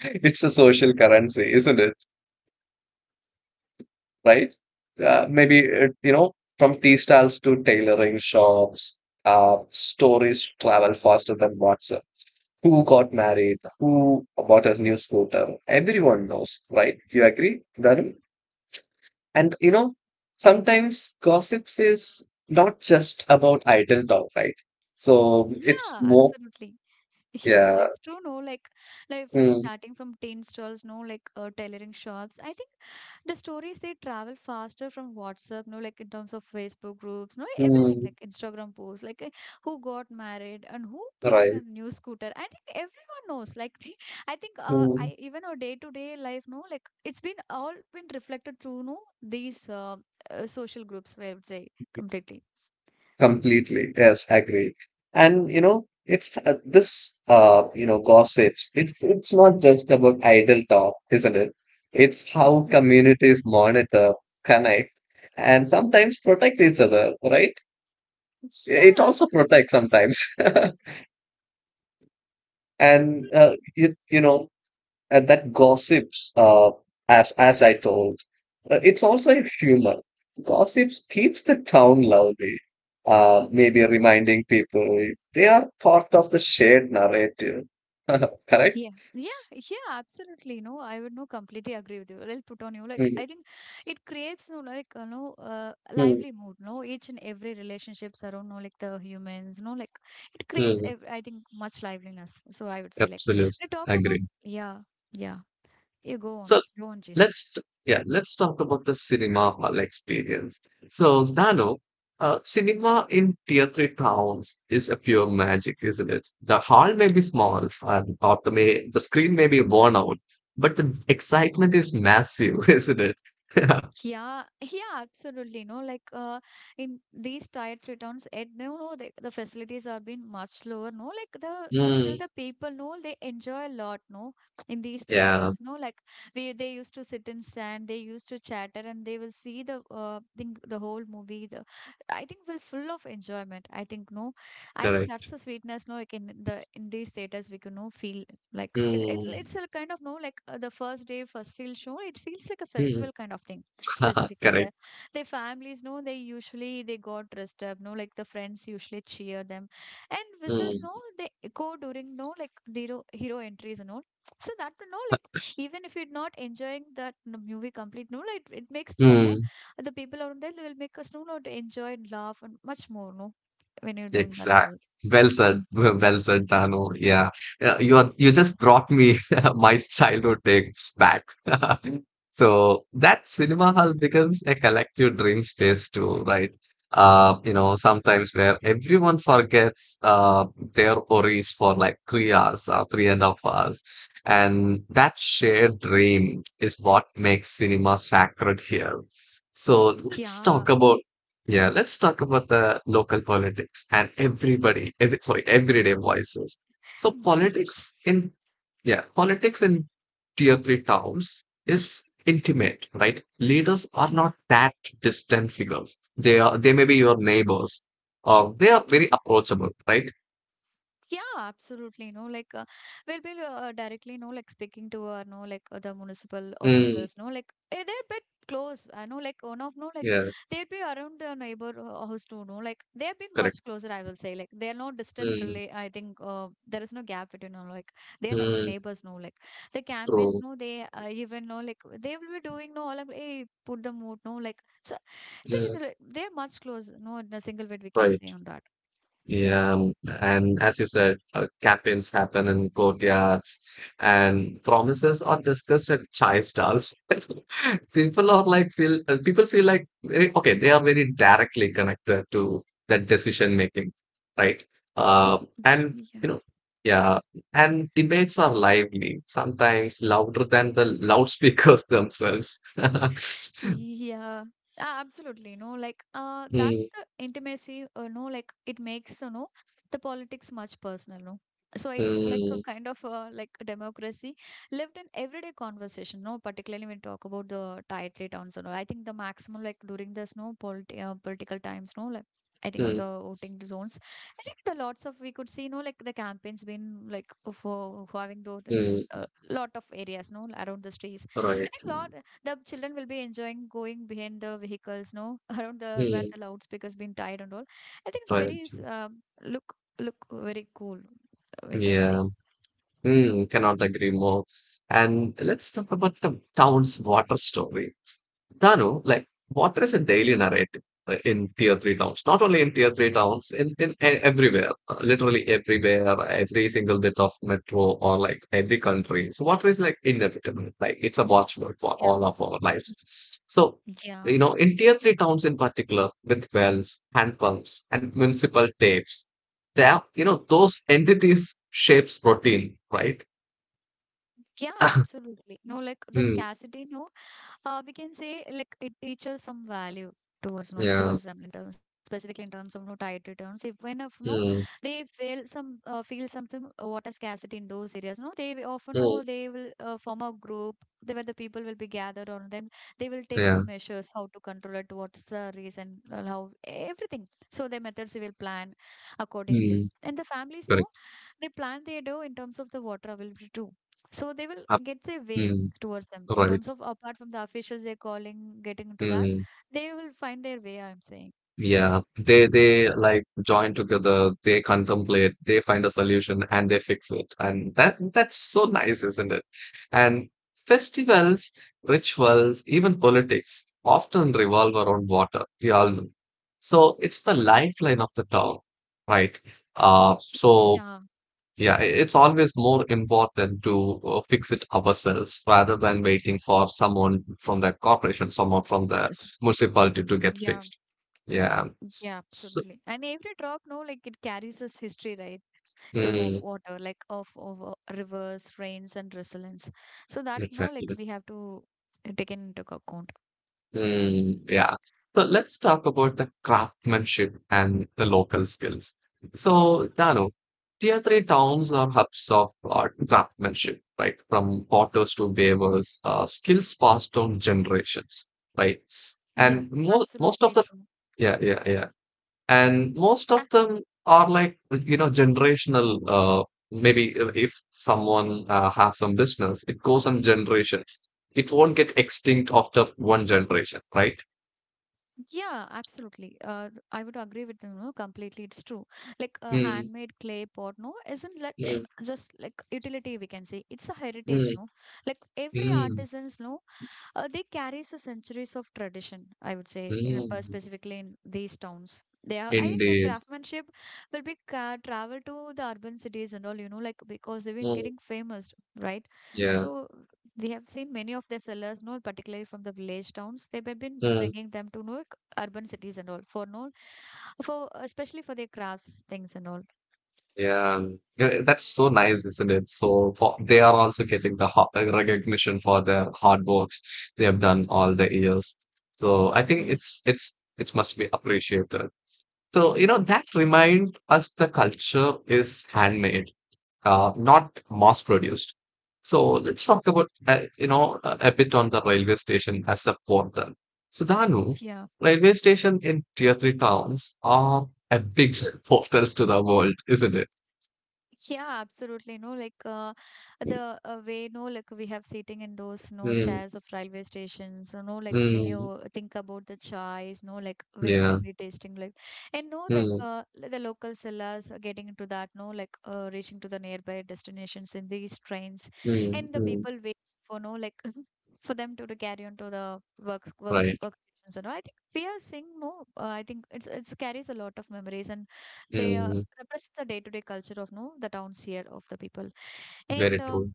A: It's a social currency, isn't it? Right? Maybe you know from tea stalls to tailoring shops. Stories travel faster than WhatsApp. Who got married? Who bought a new scooter? Everyone knows, right? You agree, Dharun? And you know, sometimes gossips is not just about idle talk, right? So
B: Yeah,
A: it's more,
B: absolutely. Yeah,
A: yeah,
B: it's true. No, like from
A: mm,
B: starting from tin stalls, no, like tailoring shops. I think the stories they travel faster from WhatsApp, no, like in terms of Facebook groups, no, everything
A: mm,
B: like Instagram posts, like who got married and who brought a
A: right.
B: new scooter. I think everyone knows. Like, they, I think
A: Mm.
B: I even our day to day life, no, like it's been all been reflected through no these social groups. I would say completely.
A: Completely. Yes, agree. And you know, it's this you know, gossips. It's not just about idle talk, isn't it? It's how communities monitor, connect, and sometimes protect each other, right?
B: Yeah,
A: It also protects
B: absolutely.
A: sometimes. And you know, and that gossips as I told it's also a humor gossips keeps the town lively. Maybe reminding people they are part of the shared narrative correct.
B: Yeah, yeah, yeah, absolutely. No, I would no completely agree with you. I'll put on you like
A: Mm,
B: I think it creates no like you know
A: mm,
B: lively mood. No, each and every relationships around no like the humans. No, like it creates
A: hmm.
B: ev I think much liveliness. So I would say like
A: Absolutely.
B: we talk about
A: Agree.
B: yeah, yeah. You go
A: So
B: on, go on, Jason.
A: Yeah, let's talk about the cinema hall experience. So, Dano, cinema in tier three towns is a pure magic, isn't it? The hall may be small, and or the screen may be worn out, but the excitement is massive, isn't it?
B: Yeah, yeah, absolutely. No, like in these tier 3 towns, and no, no, the facilities are been much lower. No, like the still
A: Mm,
B: the people, no, they enjoy a lot. No, in these
A: yeah,
B: theaters, no, like we they used to sit and stand, they used to chatter, and they will see the think the whole movie. The I think will full of enjoyment. I think no, I think
A: correct.
B: that's the sweetness. No, like in these theaters, we can no feel like
A: Mm,
B: It's a kind of no, like the first day, first feel show. It feels like a
A: mm,
B: festival kind of thing specifically
A: correct.
B: the their families no they usually they got dressed up no like the friends usually cheer them and whistles
A: Mm,
B: no they go during no like the hero entries and all so that no like even if you're not enjoying that movie complete no like it makes the no
A: mm.
B: the people around there they will make us no know to enjoy and laugh and much more no when you're doing that and
A: Exact.
B: all
A: Well said. Well well said, Dano. Yeah. Yeah, You are, you just brought me my childhood days back. So that cinema hall becomes a collective dream space too, right? You know, sometimes where everyone forgets their worries for like 3 hours or three and a half hours. And that shared dream is what makes cinema sacred here. So let's
B: yeah.
A: talk about yeah, let's talk about the local politics and everybody, sorry, everyday voices. So yeah, politics in tier three towns is intimate, right? Leaders are not that distant figures. They may be your neighbors, or they are very approachable, right?
B: Yeah, absolutely. No, like we'll be directly, no, like speaking to our, no, like the municipal
A: Mm,
B: officers, no, like eh, they're a bit close. I know, like one of, no, like
A: yeah,
B: they'd be around the neighbor house too, no, like they have been much
A: correct.
B: closer. I will say, like they're no distant
A: Mm,
B: relay. I think there is no gap between, no, like they're not
A: mm,
B: neighbors, no, like the campaigns,
A: true.
B: no, they even know, like they will be doing, no, all of, hey, put the mood, no, like so. I think it's
A: Mm,
B: they're much close. No, in a single word we can say
A: right.
B: on that. Yeah,
A: Yeah, and as you said, campaigns happen in courtyards, and promises are discussed at chai stalls. People feel like very okay. They are very directly connected to that decision making, right? Uh, and
B: yeah.
A: you know, yeah, and debates are lively, sometimes louder than the loudspeakers themselves.
B: Yeah, ah, absolutely. No, like that
A: Mm,
B: the intimacy, you no, like it makes you know the politics much personal. No, so it's like a
A: mm,
B: kind of like a democracy lived in everyday conversation. No, particularly when we talk about the title towns and all. I think the maximum like during the snow politi political times. No, like. I think
A: mm,
B: the voting zones. I think the lots of we could see, no, like the campaigns been like for having those
A: mm,
B: lot of areas, no, around the streets. I
A: right.
B: think lot the children will be enjoying going behind the vehicles, no, around the where
A: Mm,
B: the loudspeakers been tied and all. I think it's
A: right.
B: very look look very cool. We can say.
A: Yeah. Hmm, cannot agree more. And let's talk about the town's water story. Danu, like water is a daily narrative in tier three towns. Not only in tier three towns, everywhere, literally everywhere, every single bit of metro or like every country. So water is like inevitable. Like it's a watchword for
B: Yeah.
A: all of our lives. So you
B: Yeah.
A: know, in tier three towns in particular, with wells, hand pumps, and municipal taps that those entities shapes protein, right?
B: Yeah, absolutely. No, like the
A: Mm,
B: scarcity, no. We can say like it teaches some value towards no,
A: yeah.
B: towards them in terms specifically in terms of no tight returns. If when if no
A: Mm,
B: they feel some feel something water scarcity in those areas no they often
A: mm,
B: know they will form a group they, where the people will be gathered on them. They will take some
A: yeah.
B: measures how to control it, what's the reason and how everything, so their methods they will plan accordingly,
A: Mm,
B: and the families know
A: correct.
B: they plan they do in terms of the water availability too, so they will
A: Ab-
B: get their way
A: mm,
B: towards them in
A: right.
B: terms of apart from the officials they're calling getting into that,
A: Mm,
B: they will find their way, I'm saying.
A: yeah, they like join together, they contemplate, they find a solution, and they fix it, and that's so nice, isn't it? And festivals, rituals, even politics often revolve around water, we all know. So it's the lifeline of the town, right? uh so
B: Yeah
A: Yeah, it's always more important to fix it ourselves rather than waiting for someone from the corporation, someone from
B: it
A: the
B: was-
A: municipality to get
B: yeah,
A: fixed. Yeah.
B: yeah,
A: So,
B: absolutely, and every drop no like it carries its history, right? Of
A: mm,
B: water, like of, of rivers, rains and resilience, so that no like
A: exactly.
B: we have to take into account,
A: Mm, yeah. So let's talk about the craftsmanship and the local skills. So, Dano, tier three towns are hubs of craftsmanship, right? From potters to weavers, skills passed down generations, right?
B: yeah,
A: And mo most
B: absolutely
A: of the.
B: true.
A: Yeah, yeah, yeah. And most of them are like, generational. Maybe if someone has some business, it goes on generations. It won't get extinct after one generation, right?
B: Yeah, absolutely. I would agree with you, no, completely. It's true. Like a
A: Mm,
B: handmade clay pot, no, isn't like
A: mm,
B: just like utility we can say. It's a heritage,
A: mm,
B: no. Like every
A: mm,
B: artisans, no, they carries the centuries of tradition, I would say, in
A: mm.
B: specifically in these towns. They are, I think their
A: Indeed.
B: craftsmanship will be travel to the urban cities and all, you know, like because they've been
A: Mm,
B: getting famous, right?
A: yeah.
B: So we have seen many of their sellers, no, particularly from the village towns, they've been
A: Mm.
B: bringing them to no like, urban cities and all for no, for especially for their crafts things and all.
A: Yeah, yeah, that's so nice, isn't it? So for, they are also getting the recognition for the hard works they have done all the years. So I think
B: Yeah,
A: it's it must be appreciated. So you know that remind us the culture is handmade, not mass produced. So let's talk about a bit on the railway station as a portal. So Danu,
B: yeah.
A: railway station in tier three towns are a big portals to the world, isn't it?
B: Yeah, absolutely. No, like the way, no, like we have sitting in those, no,
A: Mm,
B: chairs of railway stations. So, no, like when
A: mm,
B: you think about the chais, no, like
A: yeah,
B: will be tasting like, and no, like
A: mm,
B: the local sellers are getting into that, no, like reaching to the nearby destinations in these trains,
A: mm,
B: and the
A: mm,
B: people wait for, no, like for them to carry on to the works, work,
A: right,
B: work. Stations and all. I think we are seeing no. I think it's carries a lot of memories, and they are
A: mm,
B: represents the day-to-day culture of no the towns here of the people
A: very
B: and
A: true,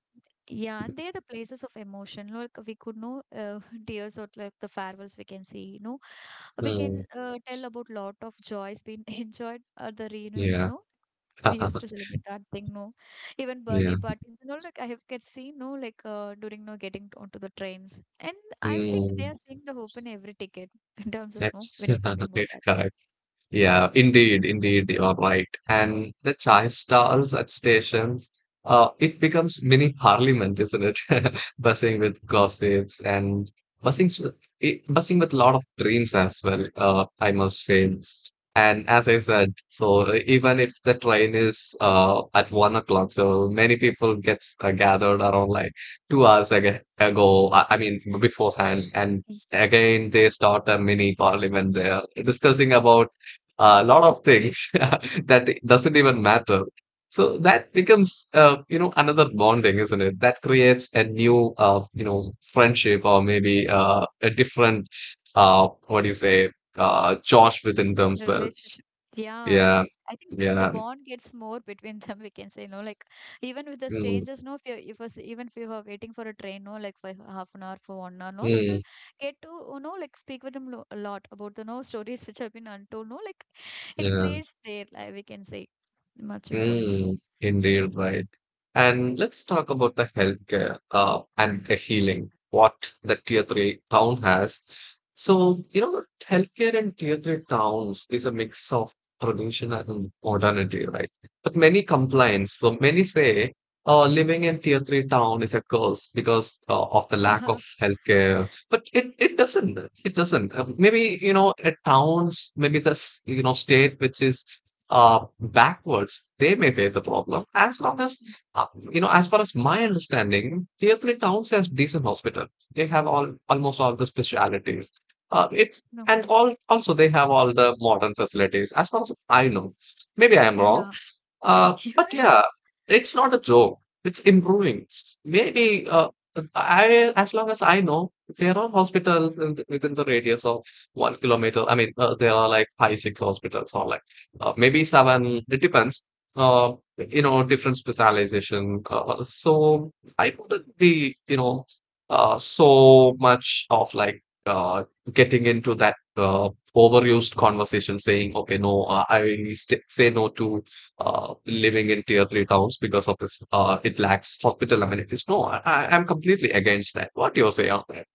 B: yeah and they're the places of emotion, like we could know tears or like the farewells we can see, you know, we
A: mm,
B: can tell about lot of joys being enjoyed at the reunions,
A: yeah,
B: no we used to celebrate that thing, no, even
A: yeah,
B: birthday parties and all, like I have get seen no like during no getting onto the trains, and I think they
A: mm,
B: are seeing the hope in every ticket in terms of no
A: that's
B: when you're talking about that.
A: correct. Yeah, indeed, indeed, you are right. And the chai stalls at stations, it becomes mini parliament, isn't it? Buzzing with gossips and buzzing, s- buzzing with a lot of dreams as well, I must say. And as I said, so even if the train is at 1 o'clock, so many people gets gathered around like 2 hours ag ago, I mean, beforehand, and again they start a mini parliament there discussing about a lot of things that doesn't even matter. So that becomes, another bonding, isn't it? That creates a new, friendship, or maybe a different, what do you say, Josh within
B: The
A: themselves.
B: relationship. Yeah.
A: Yeah,
B: I think the
A: yeah,
B: bond gets more between them, we can say, no, like even with the
A: mm,
B: strangers, no, if you're if us even if you are waiting for a train, no, like for half an hour, for 1 hour, no, like we'll
A: mm,
B: get to you know, like speak with them a lot about the no stories which have been untold, no, like it
A: yeah.
B: creates their life, we can say, much importantly.
A: Mm, indeed, right. And let's talk about the healthcare and the healing, what the tier three town has. So, you know, healthcare in tier three towns is a mix of tradition and modernity, right? But many
B: Mhm.
A: complaints. So many say living in tier three town is a curse because of the lack
B: Yeah.
A: of healthcare. But it doesn't. It doesn't. Maybe, at towns, maybe this, state which is backwards, they may face the problem. As long as, uh, as far as my understanding, Deerfield Towns has decent hospital. They have all almost all the specialities. It's And
B: Okay.
A: all also they have all the modern facilities. As far as I know, maybe I am wrong.
B: Yeah.
A: But yeah, it's not a joke. It's improving. Maybe as long as I know, there are hospitals in the, within the radius of 1 kilometer. I mean, there are like five, six hospitals, or like maybe seven. It depends. Uh, Different specialization. So I wouldn't be, you know, so much of like getting into that overused conversation, saying, okay, no, say no to living in tier three towns because of this. It lacks hospital amenities. No, I'm completely against that. What do you say on that?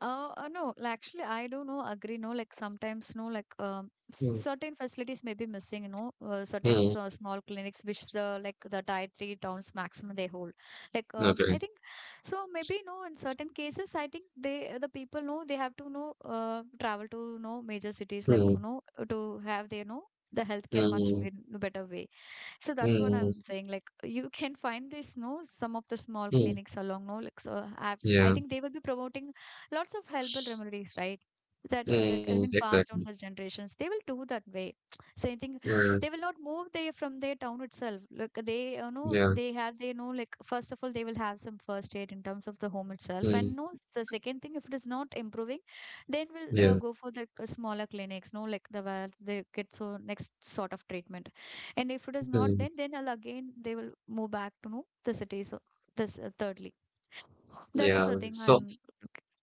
B: No, like, actually, I do know, agree, no, like sometimes, no, like
A: Mm.
B: certain facilities may be missing, certain
A: Mm.
B: small clinics which the like the dietary towns maximum they hold. Like, I
A: Okay.
B: think so. Maybe no, in certain cases, I think they the people know they have to know travel to no major cities like you
A: Mm.
B: know to have their know the healthcare much
A: Mm.
B: better way. So that's what
A: Mm.
B: I'm saying. Like you can find this, no, some of the small
A: Mm.
B: clinics along, no, like so. Have, I
A: Yeah.
B: think they will be promoting lots of herbal remedies, right? That are like
A: Mm.
B: have been passed
A: Exactly.
B: down for generations. They will do that way. Same thing.
A: Mm.
B: They will not move there from their town itself. Like they, you know,
A: Yeah.
B: they know like first of all they will have some first aid in terms of the home itself,
A: Mm.
B: and no, the second thing if it is not improving, then we'll
A: Yeah.
B: go for the smaller clinics. No, like the where they get so next sort of treatment. And if it is not,
A: Mm.
B: then I'll again they will move back to no the city. So this thirdly, that's
A: Yeah.
B: the thing I'm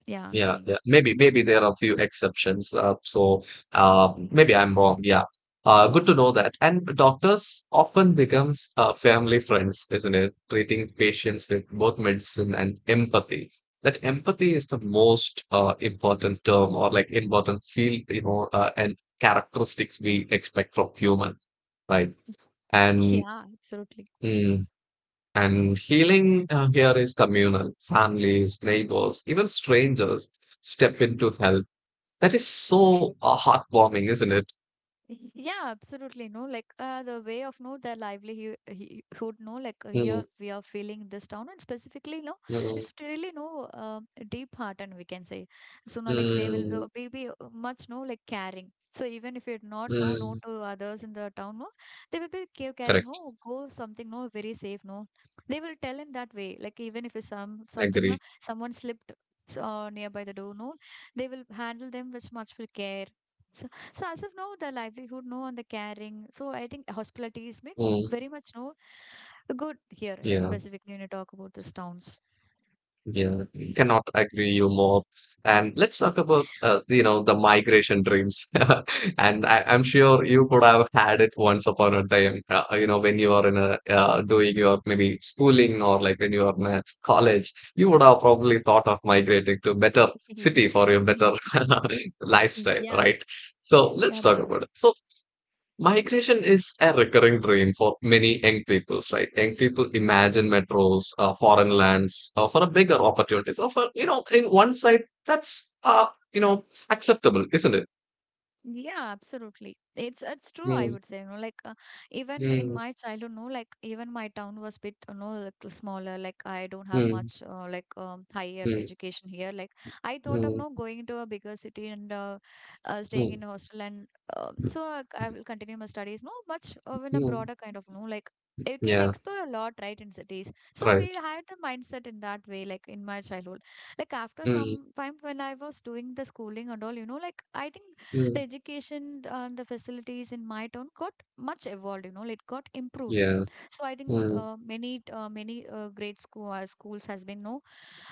B: yeah I'm
A: Yeah,
B: saying
A: yeah. Maybe, maybe there are a few exceptions. So maybe I'm wrong. Yeah. Good to know that. And doctors often becomes family friends, isn't it? Treating patients with both medicine and empathy. That empathy is the most important term, or like important field, and characteristics we expect from human, right? And
B: yeah absolutely.
A: mm, and healing here is communal. Families, neighbors, even strangers step in to help. That is so heartwarming, isn't it?
B: Yeah, absolutely. No, like the way of no their livelihood, he would know like
A: Mm,
B: here we are feeling this down, and specifically, no,
A: mm,
B: it's really no deep heart, and we can say so. Now, like they
A: mm,
B: will be much no like caring. So even if you're not no
A: mm.
B: known to others in the town, no, they will be
A: Correct.
B: caring. No, go something no very safe. No, they will tell in that way. Like even if it's some
A: Agree.
B: something no, someone slipped so, nearby the door, no, they will handle them with much with care. So, so as of now, the livelihood, no, and the caring. So I think hospitality
A: Mm,
B: is made very much no good here,
A: yeah,
B: and specifically when you talk about these towns.
A: yeah. Cannot agree you more. And let's talk about the migration dreams. And I'm sure you could have had it once upon a time. When you are in a doing your maybe schooling, or like when you are in a college, you would have probably thought of migrating to better city for your better lifestyle,
B: yeah,
A: right? So
B: yeah,
A: let's talk about
B: absolutely.
A: it. So, migration is a recurring dream for many young people, right? Young people imagine metros, foreign lands, for a bigger opportunities. Or for you know, in one side, that's you know, acceptable, isn't it?
B: Yeah, absolutely. It's true. I
A: Mm,
B: would say, you know, like even in
A: mm,
B: my childhood, no, like even my town was bit, you know, like smaller. Like I don't have
A: mm,
B: much like higher
A: mm,
B: education here. Like I thought of
A: mm,
B: no going to a bigger city and staying
A: mm,
B: in a hostel, and so I will continue my studies. No, much in a
A: mm.
B: broader kind of no, like you can
A: Yeah,
B: explore a lot, right, in cities. So we
A: right.
B: had the mindset in that way, like in my childhood like after
A: Mm,
B: some time when I was doing the schooling and all you know like I think the
A: mm,
B: education and the facilities in my town got much evolved you know it got improved
A: yeah.
B: so I think
A: Mm,
B: many great schools has been no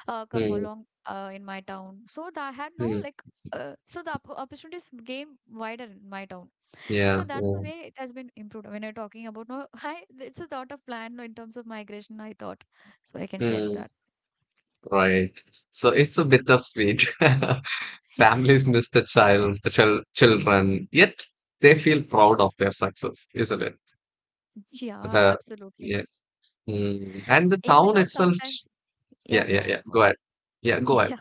B: come
A: mm,
B: along in my town so that I had no
A: mm,
B: like so the opportunities gain wider in my town so
A: yeah.
B: that's the
A: Mm,
B: way it has been improved when you're talking about no I it's a thought of plan in terms of migration I thought so I can share
A: mm,
B: that
A: right. So it's a bittersweet. Families miss the children, yet they feel proud of their success, isn't it?
B: yeah
A: The
B: absolutely
A: Yeah, mm, and the
B: even
A: town
B: though
A: itself.
B: sometimes yeah
A: Yeah,
B: go
A: yeah,
B: on
A: yeah.
B: go
A: Go
B: on
A: ahead. Yeah, go ahead.
B: Yeah.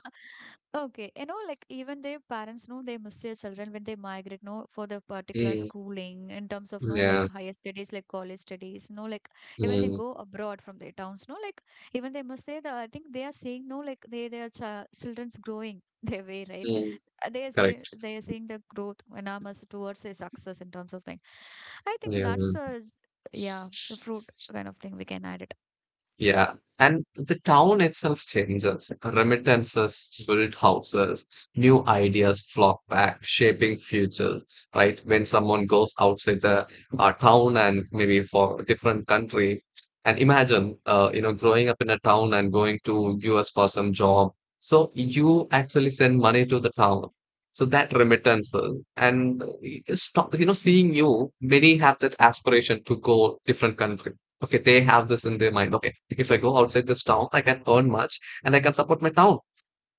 B: Okay. You know, like even their parents know they miss their children when they migrate, no, for the particular
A: Mm,
B: schooling in terms of no like
A: yeah.
B: higher studies, like college studies, no, like even they
A: Mm,
B: go abroad from their towns, no, like even they must say that I think they are seeing no like they their children's growing their way, right?
A: mm,
B: They are seeing
A: correct.
B: they are seeing the growth and I towards their success in terms of thing. I think
A: Yeah.
B: that's the yeah, the fruit kind of thing we can add it.
A: Yeah, and the town itself changes. Remittances built houses, new ideas flock back, shaping futures, right? When someone goes outside the town and maybe for a different country, and imagine, growing up in a town and going to US for some job. So you actually send money to the town. So that remittances and stop, seeing you, many have that aspiration to go different country. Okay, they have this in their mind. Okay, if I go outside this town, I can earn much and I can support my town.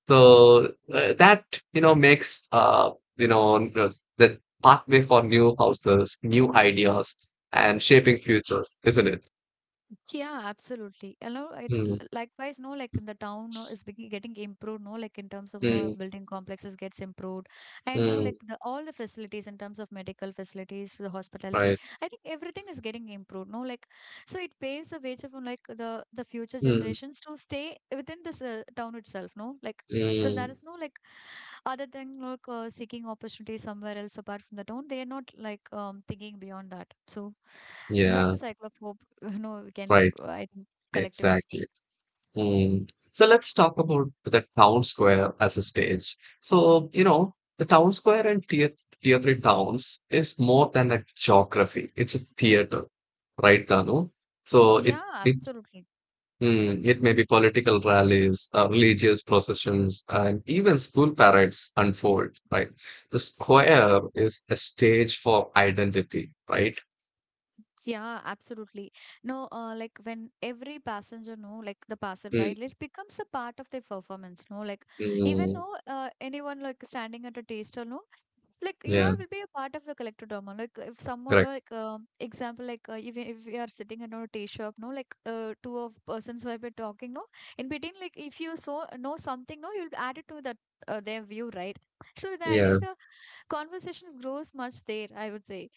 A: So that makes the pathway for new houses, new ideas, and shaping futures, isn't it?
B: Yeah, absolutely. And know, it
A: Mm,
B: likewise, no, like in the town no, is getting improved, no, like in terms of no
A: mm,
B: building complexes gets improved, and no,
A: mm,
B: like the all the facilities in terms of medical facilities, the hospitality.
A: right.
B: I think everything is getting improved, no, like so it paves the way for like the future
A: Mm,
B: generations to stay within this town itself, no, like so there
A: mm,
B: is no like other than like seeking opportunities somewhere else apart from the town. They are not like thinking beyond that. So that's
A: yeah,
B: the cycle of hope. You know, we can,
A: right.
B: I think, collectively say.
A: Exactly. Hmm. So let's talk about the town square as a stage. So, you know, the town square in tier three towns is more than a geography. It's a theater, right, Danu? So it
B: Yeah,
A: it
B: absolutely.
A: mm, it may be political rallies, religious processions, and even school parades unfold, right? The square is a stage for identity, right?
B: Yeah, absolutely. No, like when every passenger know, like the passerby,
A: Mm,
B: it becomes a part of the performance. No, like even
A: mm,
B: no, anyone like standing at a taster, no, like you
A: yeah,
B: all will be a part of the collective drama like if someone
A: correct.
B: like example like if, if we are sitting in a tea shop no like two of persons who have been talking no in between like if you so know something no you'll add it to that their view right so the, I think
A: Yeah.
B: the conversation grows much there I would say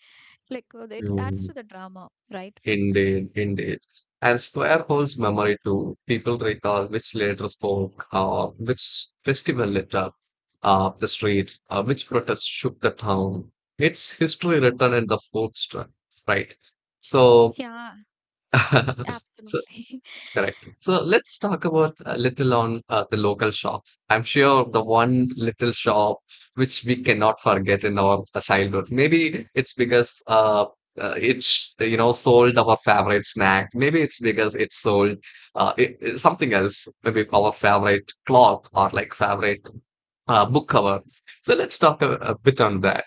B: like it adds
A: Hmm.
B: to the drama right.
A: Indeed, indeed. And square holds memory too. People recall which leader spoke, which festival lit up the streets, which protest shook the town. It's history written in the food strip, right? So,
B: Yeah,
A: so
B: absolutely.
A: Correct. So let's talk about a little on the local shops. I'm sure the one little shop which we cannot forget in our childhood. Maybe it's because it's sold our favorite snack. Maybe it's because it sold something else. Maybe our favorite cloth, or like favorite book cover. So let's talk a bit on that.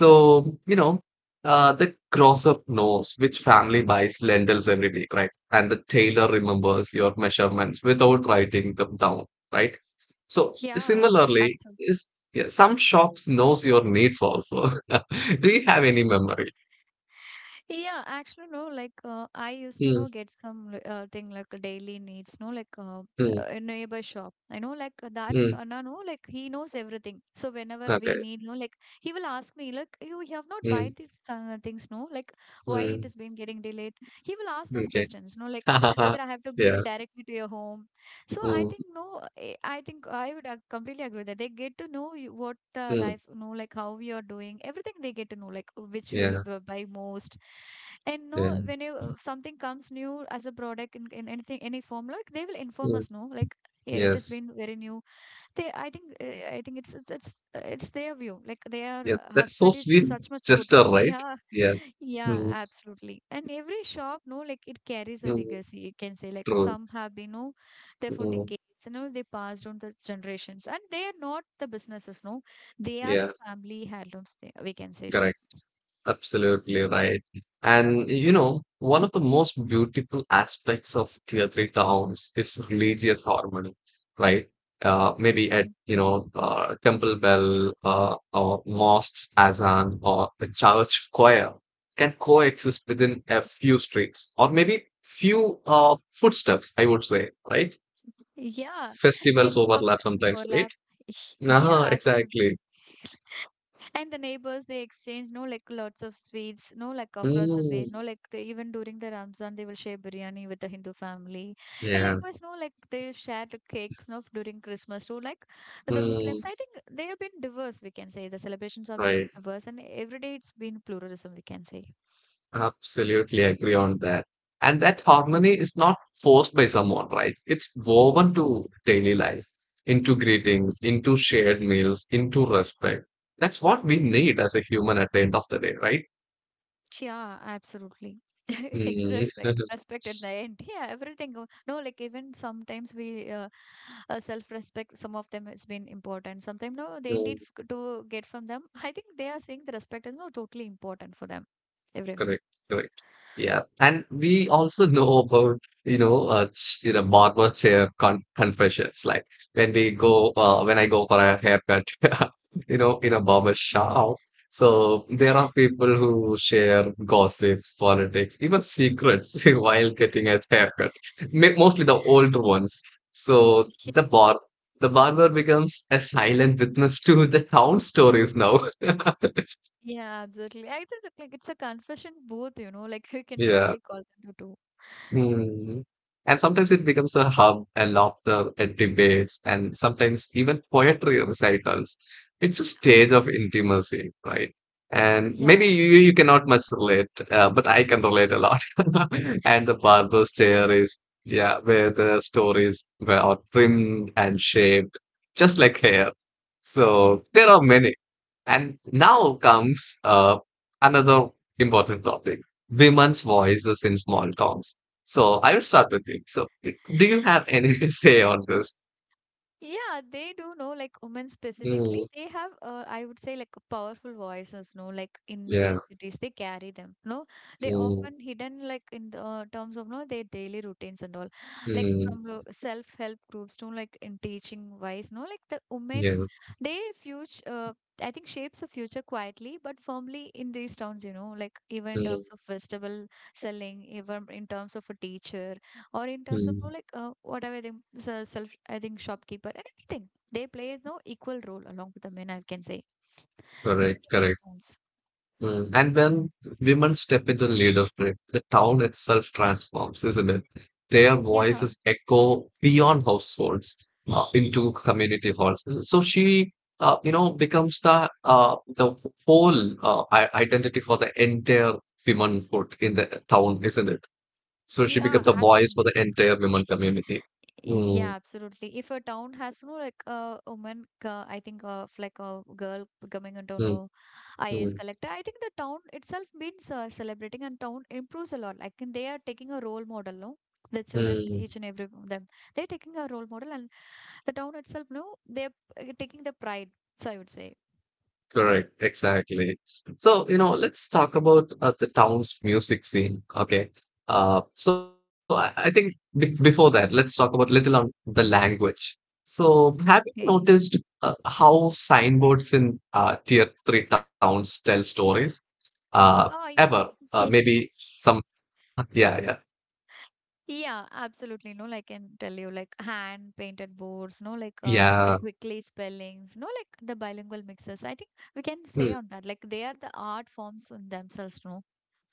A: So, you know, the grocer knows which family buys lentils every week, right? And the tailor remembers your measurements without writing them down, right? So
B: yeah
A: similarly,
B: absolutely.
A: is yeah, some shops knows your needs also. Do you have any memory?
B: Yeah, actually, no, like I used to
A: Mm,
B: know get some thing like daily needs, no, like
A: mm,
B: a neighbor shop. I know like
A: mm,
B: that, no, like he knows everything. So whenever we
A: okay.
B: need, no, like he will ask me, like you have not buy
A: Mm,
B: these things, no, like why it
A: mm,
B: has been getting delayed. He will ask those
A: okay.
B: questions, no, like whether I have to give
A: Yeah.
B: it directly to your home so I
A: Mm,
B: think no, I think I would completely agree that they get to know you, what the
A: mm,
B: life, know like how you're doing, everything they get to know, like which you'll
A: yeah.
B: buy most, and no,
A: Yeah.
B: when you something comes new as a product in anything any form, like they will inform
A: Mm,
B: us, no, like it has
A: yes.
B: been very new they I think it's their view like their
A: Yeah. That's so
B: hospitality is
A: sweet
B: such much good
A: gesture, right?
B: yeah
A: Yeah.
B: yeah
A: Mm,
B: absolutely and every shop no like it carries a
A: mm,
B: legacy you can say like
A: true.
B: some have been no there for
A: Mm,
B: decades you know they passed on the generations and they are not the businesses no they are
A: yeah,
B: family heirlooms they we can say sure.
A: correct. Absolutely right. And you know, one of the most beautiful aspects of tier three towns is religious harmony, right? Maybe at, you know, temple bell, or mosques, azan, or the church choir can coexist within a few streets, or maybe few footsteps, I would say, right?
B: Yeah, and
A: Festivals overlap
B: sometimes
A: sometimes, right?
B: overlap.
A: Ah,
B: Yeah, absolutely.
A: exactly.
B: And the neighbors, they exchange, no, like lots of sweets, no, like across the way,
A: Mm,
B: no, like they, even during the Ramzan, they will share biryani with the Hindu family. And
A: yeah.
B: likewise, no, like they share the cakes, no, during Christmas too. Like the
A: Hmm.
B: Muslims, I think they have been diverse, we can say. The celebrations have been
A: Right,
B: diverse, and every day it's been pluralism, we can say.
A: absolutely agree on that. And that harmony is not forced by someone, right? It's woven to daily life, into greetings, into shared meals, into respect. That's what we need as a human at the end of the day, right?
B: Yeah, absolutely.
A: Mm.
B: Respect, respect at the end. Yeah, everything. Go- No, like even sometimes we self-respect. Some of them has been important. Sometimes no, they indeed f- to get from them. I think they are saying the respect is not totally important for them. Everyone.
A: Correct, correct. Yeah, and we also know about barber chair confessions. Like when I go for a haircut, in a barber shop. So there are people who share gossips, politics, even secrets while getting a haircut. Mostly the older ones. So the barber becomes a silent witness to the town stories now.
B: Yeah, absolutely. I think like it's a confession both. You know, like you can
A: Yeah.
B: shortly call them to do.
A: Mm. And sometimes it becomes a hub and laughter and debates and sometimes even poetry recitals. It's a stage
B: Oh,
A: of intimacy, right? And maybe
B: yeah.
A: you cannot much relate, but I can relate a lot. And the barber's chair
B: Okay.
A: is, yeah, where the stories were all trimmed and shaped, just like hair. So there are many. And now comes another important topic, women's voices in small towns. So I will start with you. So, do you have any say on this?
B: Yeah, they do know like women specifically.
A: Mm,
B: They have, I would say, like powerful voices. No, like in these
A: yeah.
B: cities, they carry them. No, they
A: Mm,
B: often hidden like in the terms of no their daily routines and all, like
A: mm,
B: from self help groups to like in teaching wise. No, like the women
A: yeah.
B: they future I think shapes the future quietly but firmly in these towns. You know like even in
A: Mm,
B: terms of vegetable selling even in terms of a teacher or in terms of you
A: mm.
B: like whatever they self I think shopkeeper and everything they play no equal role along with the men I can say even
A: Correct,
B: in these
A: correct.
B: towns.
A: Mm. And when women step into leadership, the town itself transforms, isn't it? Their
B: Yeah.
A: voices echo beyond households into community halls. So she, becomes the the whole identity for the entire womanhood in the town, isn't it? So she
B: Yeah,
A: becomes the voice
B: absolutely.
A: for the entire women community.
B: Yeah,
A: Mm,
B: absolutely. If a town has no like a woman, I think of like a girl becoming into
A: mm,
B: no IAS
A: mm,
B: collector, I think the town itself means celebrating and town improves a lot. Like and they are taking a role model, no? The children,
A: mm.
B: each and every of them, they're taking a role model, and the town itself, no, they're taking the pride. So I would say,
A: Correct, exactly. So, you know, let's talk about the town's music scene. Okay. So I think be before that, let's talk about little on the language. So, have you
B: okay.
A: noticed how signboards in tier three towns tell stories? Uh,
B: Oh,
A: ever?
B: yeah.
A: Maybe some, yeah, yeah,
B: Yeah, absolutely. No, like I can tell you, like hand painted boards, no, like the
A: yeah.
B: quickly spellings, no, like the bilingual mixes. I think we can say
A: Hmm.
B: on that, like they are the art forms in themselves, no.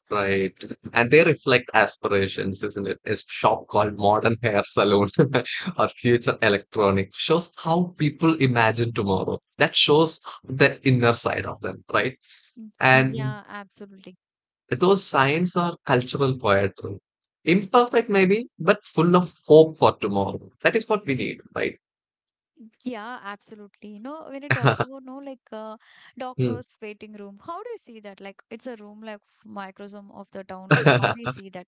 A: Right. And they reflect aspirations, isn't it? A shop called Modern Hair Salon or Future Electronic shows how people imagine tomorrow. That shows the inner side of them, right?
B: Mm.
A: And
B: Yeah, absolutely.
A: those signs are cultural poetry. Imperfect, maybe, but full of hope for tomorrow. That is what we need, right?
B: Yeah, absolutely. No, when you talk about no, like
A: Hmm.
B: doctor's waiting room, how do you see that? Like it's a room like microsome of the town. Like how do you see that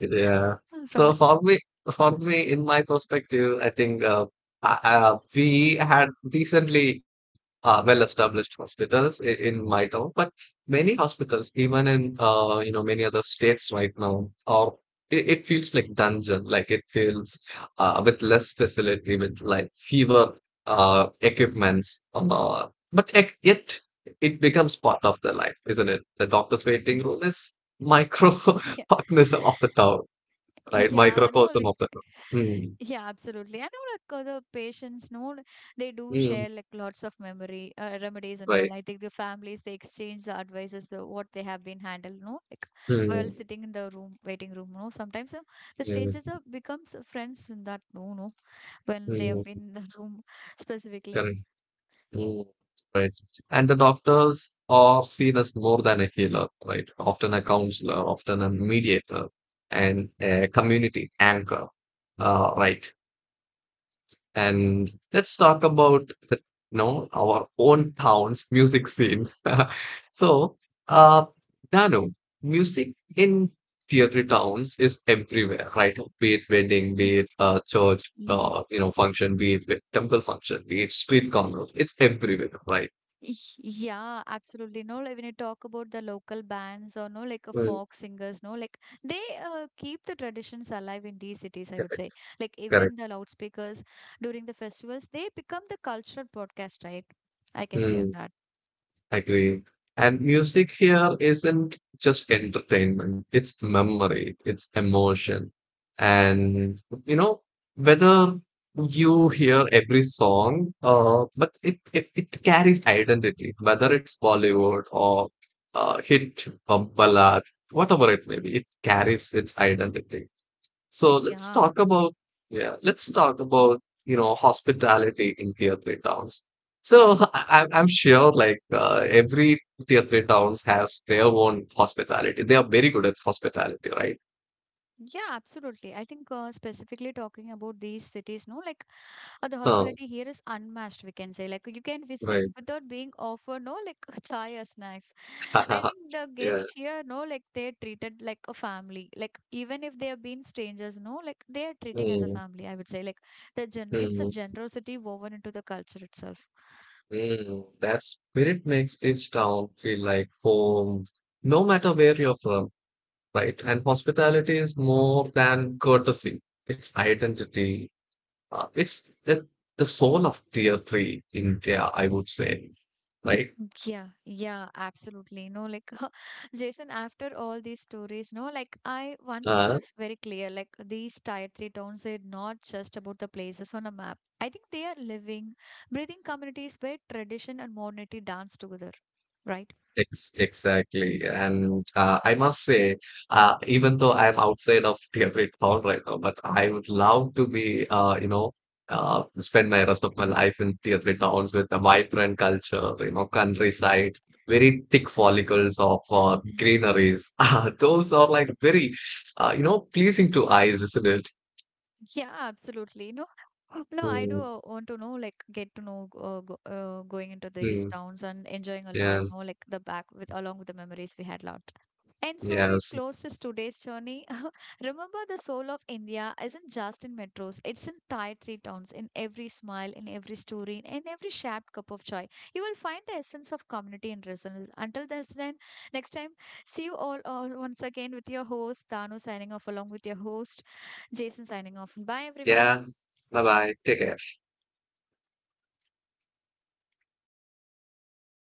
A: Yeah.
B: from
A: So
B: it?
A: for me, in my perspective, I think we had decently well-established hospitals in my town, but many hospitals, even in you know many other states right now, are it feels like dungeon, like it feels with less facility, with like fewer equipments, yet it becomes part of their life, isn't it? The doctor's waiting room is micro
B: Yeah.
A: organism of the town, right?
B: Yeah, no,
A: Microcosm
B: like
A: of the town. Mm,
B: yeah, absolutely. I know like the patients no, like, they do
A: mm,
B: share like lots of memory remedies and
A: right.
B: all. I think the families they exchange the advices the, what they have been handled, no, like while
A: Mm,
B: sitting in the room waiting room, no. Sometimes the
A: yeah,
B: strangers are becomes friends in that no, no, when they
A: mm,
B: have been in the room specifically.
A: correct. Mm, right. And the doctors are seen as more than a healer, right? Often a counselor, often a mediator, and a community anchor. Right. And let's talk about you know our own town's music scene. So, uh, Danu, music in tier three towns is everywhere, right? Be it wedding, be it church, function, be it temple function, be it street commerce. It's everywhere, right?
B: Yeah, absolutely. No, like when you talk about the local bands or no, like a
A: Mm,
B: folk singers, no, like they keep the traditions alive in these cities, I would
A: correct,
B: say. Like
A: correct.
B: even the loudspeakers during the festivals, they become the cultural broadcast, right? I can say
A: Mm.
B: on that.
A: Agree. And music here isn't just entertainment, it's memory, it's emotion. And you know, whether you hear every song, it carries identity, whether it's Bollywood or hit or ballad, whatever it may be, it carries its identity. So let's
B: Yeah.
A: talk about yeah, let's talk about you know hospitality in tier three towns. So I'm sure like every tier three towns has their own hospitality. They are very good at hospitality, right?
B: Yeah, absolutely. I think specifically talking about these cities, no, like the
A: Oh,
B: hospitality here is unmatched, we can say. Like you can visit
A: right.
B: without being offered, no, like chai or snacks. I think the
A: Yeah.
B: guests here, no, like they're treated like a family. Like even if they have been strangers, no, like they are treating as a
A: Mm,
B: family. I would say like the gen, it's a
A: mm,
B: generosity woven into the culture itself.
A: mm. That spirit makes each town feel like home, no matter where you're from, right? And hospitality is more than courtesy. It's identity. Uh, it's the, the soul of tier three India, I would say, right?
B: Yeah, yeah, absolutely. No, like Jason, after all these stories, no, like I one thing
A: Uh,
B: is very clear. Like these tier three towns, they're not just about the places on a map. I think they are living, breathing communities where tradition and modernity dance together. Right?
A: ex exactly. And I must say, even though I'm outside of tier three town right now, but I would love to be, spend my rest of my life in tier three towns with a vibrant culture, you know, countryside, very thick follicles of greeneries. Those are like very, you know, pleasing to eyes, isn't it?
B: Yeah, absolutely. No, no, I
A: Mm,
B: do want to know, like, get to know going into these
A: mm,
B: towns and enjoying a lot.
A: yeah.
B: No, like the back with along with the memories we had lot. And so we
A: Yes.
B: close this today's journey. Remember, the soul of India isn't just in metros; it's in Thai three towns, in every smile, in every story, in every shared cup of joy. You will find the essence of community and resilience. Until this, then next time, see you all once again with your host Danu signing off along with your host. Jason signing off. Bye, everyone.
A: Yeah. Bye bye. Take care.